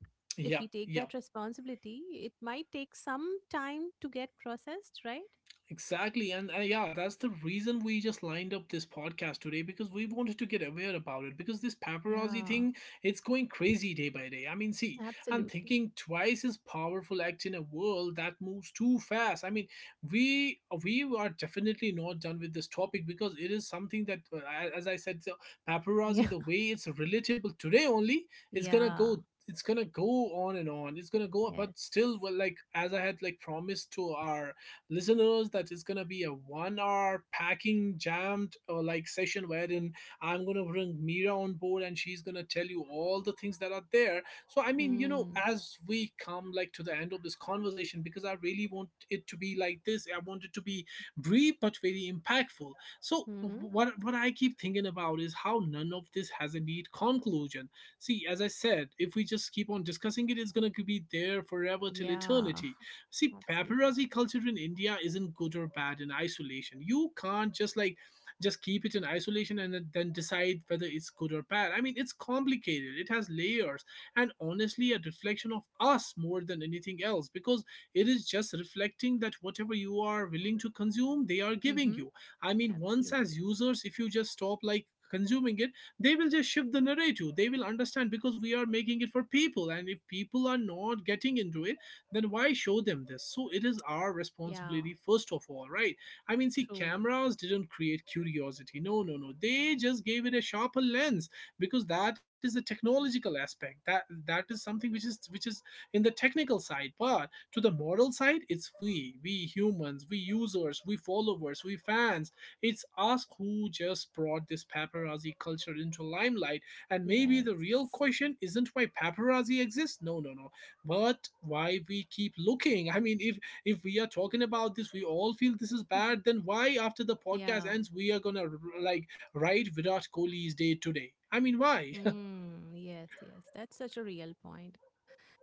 [SPEAKER 2] If we
[SPEAKER 1] Yep.
[SPEAKER 2] take
[SPEAKER 1] Yep.
[SPEAKER 2] that responsibility, it might take some time to get processed, right?
[SPEAKER 1] Exactly. And yeah, that's the reason we just lined up this podcast today, because we wanted to get aware about it, because this paparazzi
[SPEAKER 2] Yeah.
[SPEAKER 1] thing, it's going crazy day by day. I mean, see, and
[SPEAKER 2] Absolutely.
[SPEAKER 1] thinking twice is powerful act in a world that moves too fast. I mean, we are definitely not done with this topic, because it is something that as I said, so paparazzi,
[SPEAKER 2] Yeah.
[SPEAKER 1] the way it's relatable today only, it's going to
[SPEAKER 2] Yeah.
[SPEAKER 1] go, it's gonna go on and on. It's gonna go, but still,
[SPEAKER 2] Yes.
[SPEAKER 1] well, like as I had like promised to our listeners that it's gonna be a 1 hour packing jammed or like session wherein I'm gonna bring Mira on board, and she's gonna tell you all the things that are there. So I mean, you know,
[SPEAKER 2] Mm.
[SPEAKER 1] as we come like to the end of this conversation, because I really want it to be like this, I want it to be brief but very impactful. So
[SPEAKER 2] Mm-hmm.
[SPEAKER 1] what I keep thinking about is how none of this has a neat conclusion. See, as I said, if we just keep on discussing it, it's gonna be there forever till
[SPEAKER 2] Yeah,
[SPEAKER 1] eternity. See,
[SPEAKER 2] absolutely.
[SPEAKER 1] paparazzi culture in India isn't good or bad in isolation. You can't just like just keep it in isolation and then decide whether it's good or bad. I mean, it's complicated. It has layers, and honestly a reflection of us more than anything else, because it is just reflecting that whatever you are willing to consume, they are giving
[SPEAKER 2] Mm-hmm.
[SPEAKER 1] you. I mean, once as
[SPEAKER 2] Absolutely.
[SPEAKER 1] users, if you just stop like consuming it, they will just shift the narrative. They will understand, because we are making it for people. And if people are not getting into it, then why show them this? So it is our
[SPEAKER 2] Yeah,
[SPEAKER 1] responsibility, first of all, right? I mean, see,
[SPEAKER 2] truly.
[SPEAKER 1] cameras didn't create curiosity. No, no, no. They just gave it a sharper lens, because that is a technological aspect. That is something which is in the technical side. But to the moral side, it's we humans, we users, we followers, we fans. It's us who just brought this paparazzi culture into limelight. And maybe the real
[SPEAKER 2] Yes.
[SPEAKER 1] question isn't why paparazzi exists. No, no, no, but why we keep looking. I mean, if we are talking about this, we all feel this is bad, then why after the podcast
[SPEAKER 2] Yeah.
[SPEAKER 1] ends we are gonna like write Virat Kohli's day today, I mean, why?
[SPEAKER 2] Mm, yes, yes. That's such a real point.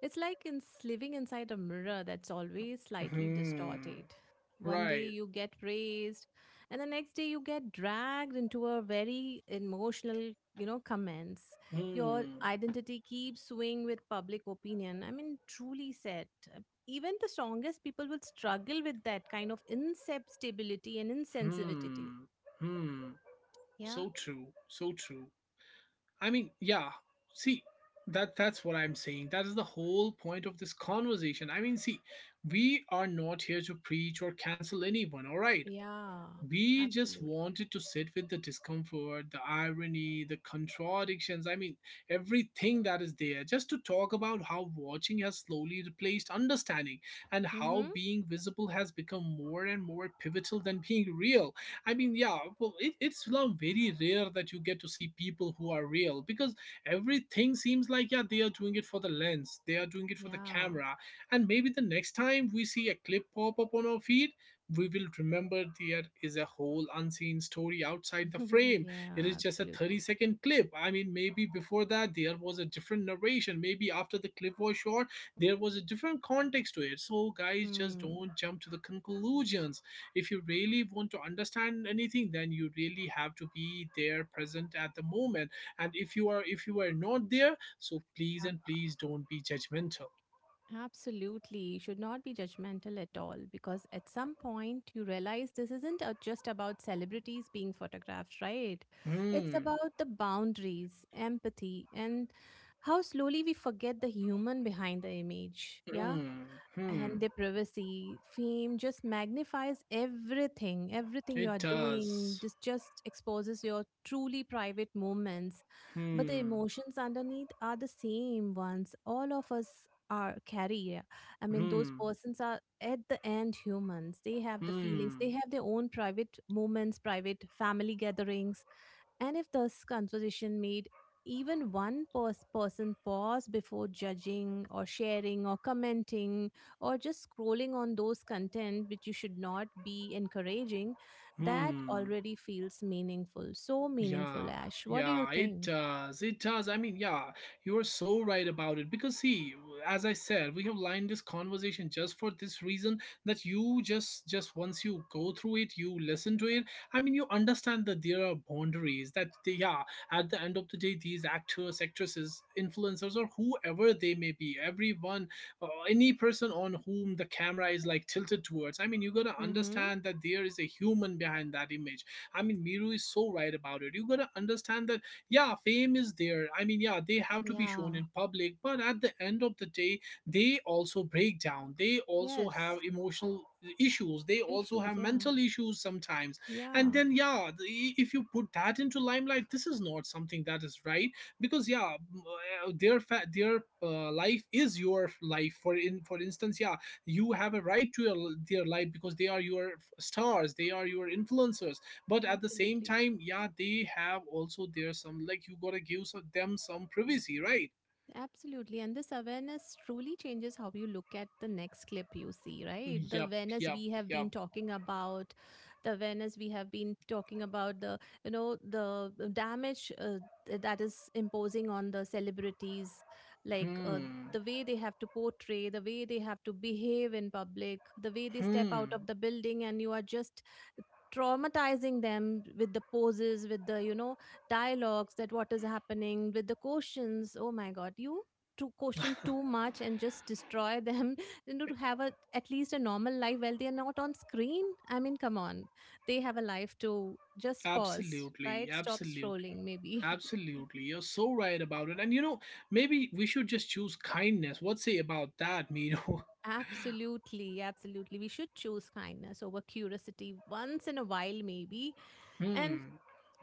[SPEAKER 2] It's like in living inside a mirror that's always slightly
[SPEAKER 1] Hmm,
[SPEAKER 2] distorted. One day
[SPEAKER 1] right.
[SPEAKER 2] you get praised, and the next day you get dragged into a very emotional, you know, comments. Your
[SPEAKER 1] Hmm,
[SPEAKER 2] identity keeps swinging with public opinion. I mean, truly said. uh, Even the strongest people will struggle with that kind of insusceptibility and
[SPEAKER 1] hmm,
[SPEAKER 2] insensitivity.
[SPEAKER 1] hmm.
[SPEAKER 2] Yeah,
[SPEAKER 1] So true, so true. I mean, yeah. See, that's what I'm saying. That is the whole point of this conversation. I mean, see, we are not here to preach or cancel anyone, all right?
[SPEAKER 2] yeah,
[SPEAKER 1] We just
[SPEAKER 2] absolutely.
[SPEAKER 1] wanted to sit with the discomfort, the irony, the contradictions. I mean, everything that is there, just to talk about how watching has slowly replaced understanding, and how
[SPEAKER 2] Mm-hmm.
[SPEAKER 1] being visible has become more and more pivotal than being real. I mean, yeah, well, it's now very rare that you get to see people who are real, because everything seems like, yeah, they are doing it for the lens, they are doing it for the
[SPEAKER 2] Yeah,
[SPEAKER 1] camera. And maybe the next time we see a clip pop up on our feed, we will remember there is a whole unseen story outside the frame. It
[SPEAKER 2] yeah,
[SPEAKER 1] is just a 30
[SPEAKER 2] absolutely.
[SPEAKER 1] second clip. I mean, maybe before that there was a different narration. Maybe after the clip was short, there was a different context to it. So, guys, just
[SPEAKER 2] Mm.
[SPEAKER 1] don't jump to the conclusions. If you really want to understand anything, then you really have to be there present at the moment. And if you are, if you are not there, so please and please don't be judgmental.
[SPEAKER 2] Absolutely. You should not be judgmental at all because at some point you realize this isn't just about celebrities being photographed, right? It's
[SPEAKER 1] Hmm.
[SPEAKER 2] about the boundaries, empathy, and how slowly we forget the human behind the image. Yeah,
[SPEAKER 1] Hmm. Hmm.
[SPEAKER 2] and their privacy fame just magnifies everything everything you
[SPEAKER 1] It
[SPEAKER 2] are doing
[SPEAKER 1] does.
[SPEAKER 2] just exposes your truly private moments, but the
[SPEAKER 1] Hmm.
[SPEAKER 2] emotions underneath are the same ones all of us are carry. I mean those
[SPEAKER 1] Hmm.
[SPEAKER 2] persons are at the end humans, they have the feelings, they
[SPEAKER 1] Hmm.
[SPEAKER 2] have their own private moments, private family gatherings. And if this conversation made even one person pause before judging or sharing or commenting or just scrolling on those content which you should not be encouraging, that
[SPEAKER 1] Hmm.
[SPEAKER 2] already feels meaningful. So meaningful,
[SPEAKER 1] Yeah,
[SPEAKER 2] Ash. What do you
[SPEAKER 1] yeah, it
[SPEAKER 2] think?
[SPEAKER 1] does. It does. I mean, yeah, you are so right about it. Because, see, as I said, we have lined this conversation just for this reason, that you just once you go through it, you listen to it. I mean, you understand that there are boundaries, that, they, yeah, at the end of the day, these actors, actresses, influencers, or whoever they may be, everyone, any person on whom the camera is like tilted towards, I mean, you gotta
[SPEAKER 2] Mm-hmm.
[SPEAKER 1] understand that there is a human behind that image. I mean, Miru is so right about it. You gotta understand that, yeah, fame is there. I mean, yeah, they have to be
[SPEAKER 2] Yeah,
[SPEAKER 1] shown in public, but at the end of the day, they also break down. They also have
[SPEAKER 2] yes.
[SPEAKER 1] emotional issues. They also
[SPEAKER 2] Issues.
[SPEAKER 1] have
[SPEAKER 2] Yeah.
[SPEAKER 1] mental issues sometimes. And
[SPEAKER 2] Yeah.
[SPEAKER 1] then, yeah, if you put that into limelight, this is not something that is right, because, yeah, their their life is your life. For in for instance, yeah, you have a right to your, their life, because they are your stars. They are your influencers, but at the same
[SPEAKER 2] Absolutely.
[SPEAKER 1] time, yeah, they have also their some, like, you gotta give some, them some privacy, right?
[SPEAKER 2] Absolutely. And this awareness truly changes how you look at the next clip you see, right? The
[SPEAKER 1] Yup,
[SPEAKER 2] awareness
[SPEAKER 1] yup,
[SPEAKER 2] we have been
[SPEAKER 1] yup.
[SPEAKER 2] talking about, the awareness we have been talking about, the, you know, the damage that is imposing on the celebrities, like
[SPEAKER 1] Hmm.
[SPEAKER 2] the way they have to portray, the way they have to behave in public, the way they step
[SPEAKER 1] Hmm.
[SPEAKER 2] out of the building, and you are just traumatizing them with the poses, with the you know dialogues, that what is happening with the questions. Oh my god, you to question too much and just destroy them. You know, to have a at least a normal life while they are not on screen. I mean come on, they have a life to just pause,
[SPEAKER 1] Absolutely.
[SPEAKER 2] right? Stop
[SPEAKER 1] Absolutely.
[SPEAKER 2] scrolling maybe.
[SPEAKER 1] Absolutely. You're so right about it. And you know, maybe we should just choose kindness. What say about that, Miro?
[SPEAKER 2] Absolutely, absolutely. We should choose kindness over curiosity once in a while, maybe. And
[SPEAKER 1] Hmm.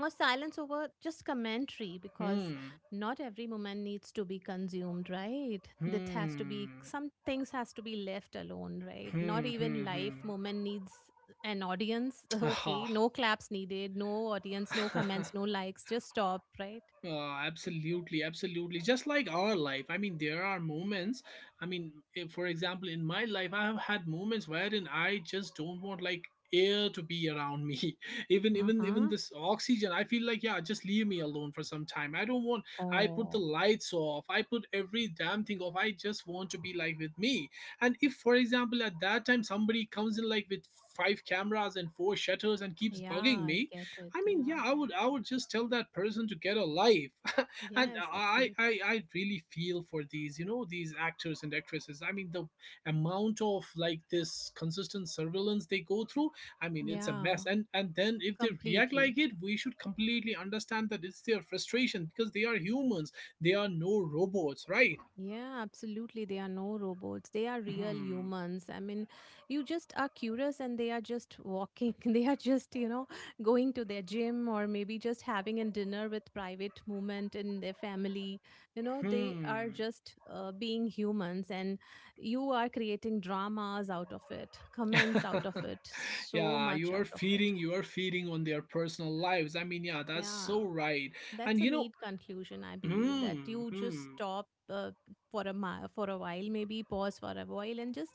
[SPEAKER 2] or silence over just commentary because
[SPEAKER 1] Hmm.
[SPEAKER 2] not every moment needs to be consumed, right? That has to be
[SPEAKER 1] Hmm.
[SPEAKER 2] some things has to be left alone, right? Not
[SPEAKER 1] Hmm.
[SPEAKER 2] even
[SPEAKER 1] Hmm.
[SPEAKER 2] life
[SPEAKER 1] Hmm.
[SPEAKER 2] moment needs an audience.
[SPEAKER 1] Aha.
[SPEAKER 2] Okay, no claps needed, no audience, no comments, no likes, just stop, right?
[SPEAKER 1] Absolutely, absolutely. Just like our life. I mean, there are moments. I mean, if, for example, in my life, I have had moments wherein I just don't want like air to be around me. Even even
[SPEAKER 2] Uh-huh.
[SPEAKER 1] this oxygen, I feel like, yeah, just leave me alone for some time. I don't want. I put the
[SPEAKER 2] Oh.
[SPEAKER 1] lights off. I put every damn thing off. I just want to be like with me. And if, for example, at that time somebody comes in like with five cameras and four shutters and keeps
[SPEAKER 2] Yeah
[SPEAKER 1] bugging
[SPEAKER 2] I
[SPEAKER 1] me,
[SPEAKER 2] get it,
[SPEAKER 1] I mean,
[SPEAKER 2] yeah.
[SPEAKER 1] yeah, I would just tell that person to get a life, and
[SPEAKER 2] Yes
[SPEAKER 1] I,
[SPEAKER 2] absolutely.
[SPEAKER 1] I I really feel for these you know these actors and actresses. I mean, the amount of like this consistent surveillance they go through. I mean, it's a
[SPEAKER 2] Yeah
[SPEAKER 1] mess. And then if they react
[SPEAKER 2] completely.
[SPEAKER 1] like it, we should completely understand that it's their frustration, because they are humans. They are no robots, right?
[SPEAKER 2] Yeah, absolutely. They are no robots. They are real
[SPEAKER 1] Hmm.
[SPEAKER 2] humans. I mean, you just are curious and they are just walking. They are just, you know, going to their gym or maybe just having a dinner with private moment in their family. You know, they are
[SPEAKER 1] Hmm.
[SPEAKER 2] just being humans and you are creating dramas out of it, comments out of it, so
[SPEAKER 1] Yeah,
[SPEAKER 2] much out of it.
[SPEAKER 1] you are feeding on their personal lives. I mean, yeah, that's
[SPEAKER 2] Yeah,
[SPEAKER 1] so right. And
[SPEAKER 2] that's a
[SPEAKER 1] you know,
[SPEAKER 2] neat conclusion I believe, that
[SPEAKER 1] hmm.
[SPEAKER 2] you just
[SPEAKER 1] Hmm.
[SPEAKER 2] stop for a for a while, maybe pause for a while and just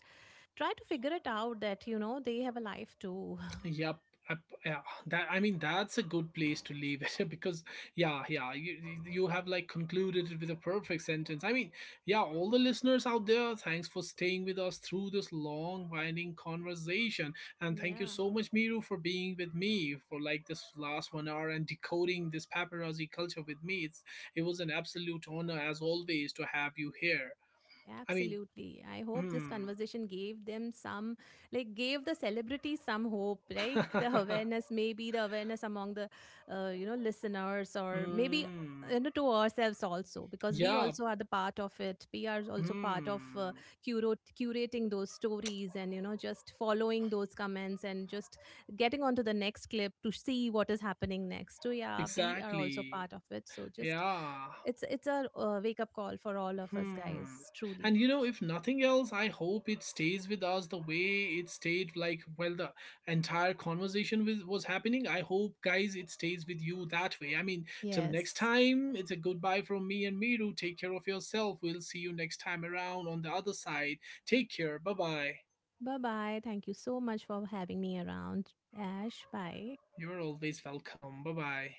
[SPEAKER 2] try to figure it out that you know they have a life too.
[SPEAKER 1] Yep. Yep. Yeah. That. I mean, that's a good place to leave it because, yeah, yeah. You have like concluded it with a perfect sentence. I mean, yeah. All the listeners out there, thanks for staying with us through this long, winding conversation, and thank you
[SPEAKER 2] Yeah.
[SPEAKER 1] so much, Miru, for being with me for like this last 1 hour and decoding this paparazzi culture with me. It's it was an absolute honor as always to have you here. I mean,
[SPEAKER 2] Absolutely. I hope this
[SPEAKER 1] hmm.
[SPEAKER 2] conversation gave them some, like, gave the celebrities some hope, like the awareness, maybe the awareness among the, you know, listeners, or maybe
[SPEAKER 1] Hmm.
[SPEAKER 2] you know, to ourselves also, because we
[SPEAKER 1] Yeah.
[SPEAKER 2] also are the part of it. We are also part of
[SPEAKER 1] Hmm.
[SPEAKER 2] curating those stories and, you know, just following those comments and just getting on to the next clip to see what is happening next. So, yeah, we are also
[SPEAKER 1] Exactly.
[SPEAKER 2] part of it. So, just
[SPEAKER 1] Yeah.
[SPEAKER 2] it's a wake up call for all of us
[SPEAKER 1] Hmm.
[SPEAKER 2] guys, truly.
[SPEAKER 1] And you know, if nothing else, I hope it stays with us the way it stayed. Like, well, the entire conversation with was happening. I hope, guys, it stays with you that way. I mean, till next
[SPEAKER 2] Yes.
[SPEAKER 1] time, it's a goodbye from me and Miru. Take care of yourself. We'll see you next time around on the other side. Take care. Bye bye.
[SPEAKER 2] Bye bye. Thank you so much for having me around. Ash, bye.
[SPEAKER 1] You're always welcome. Bye bye.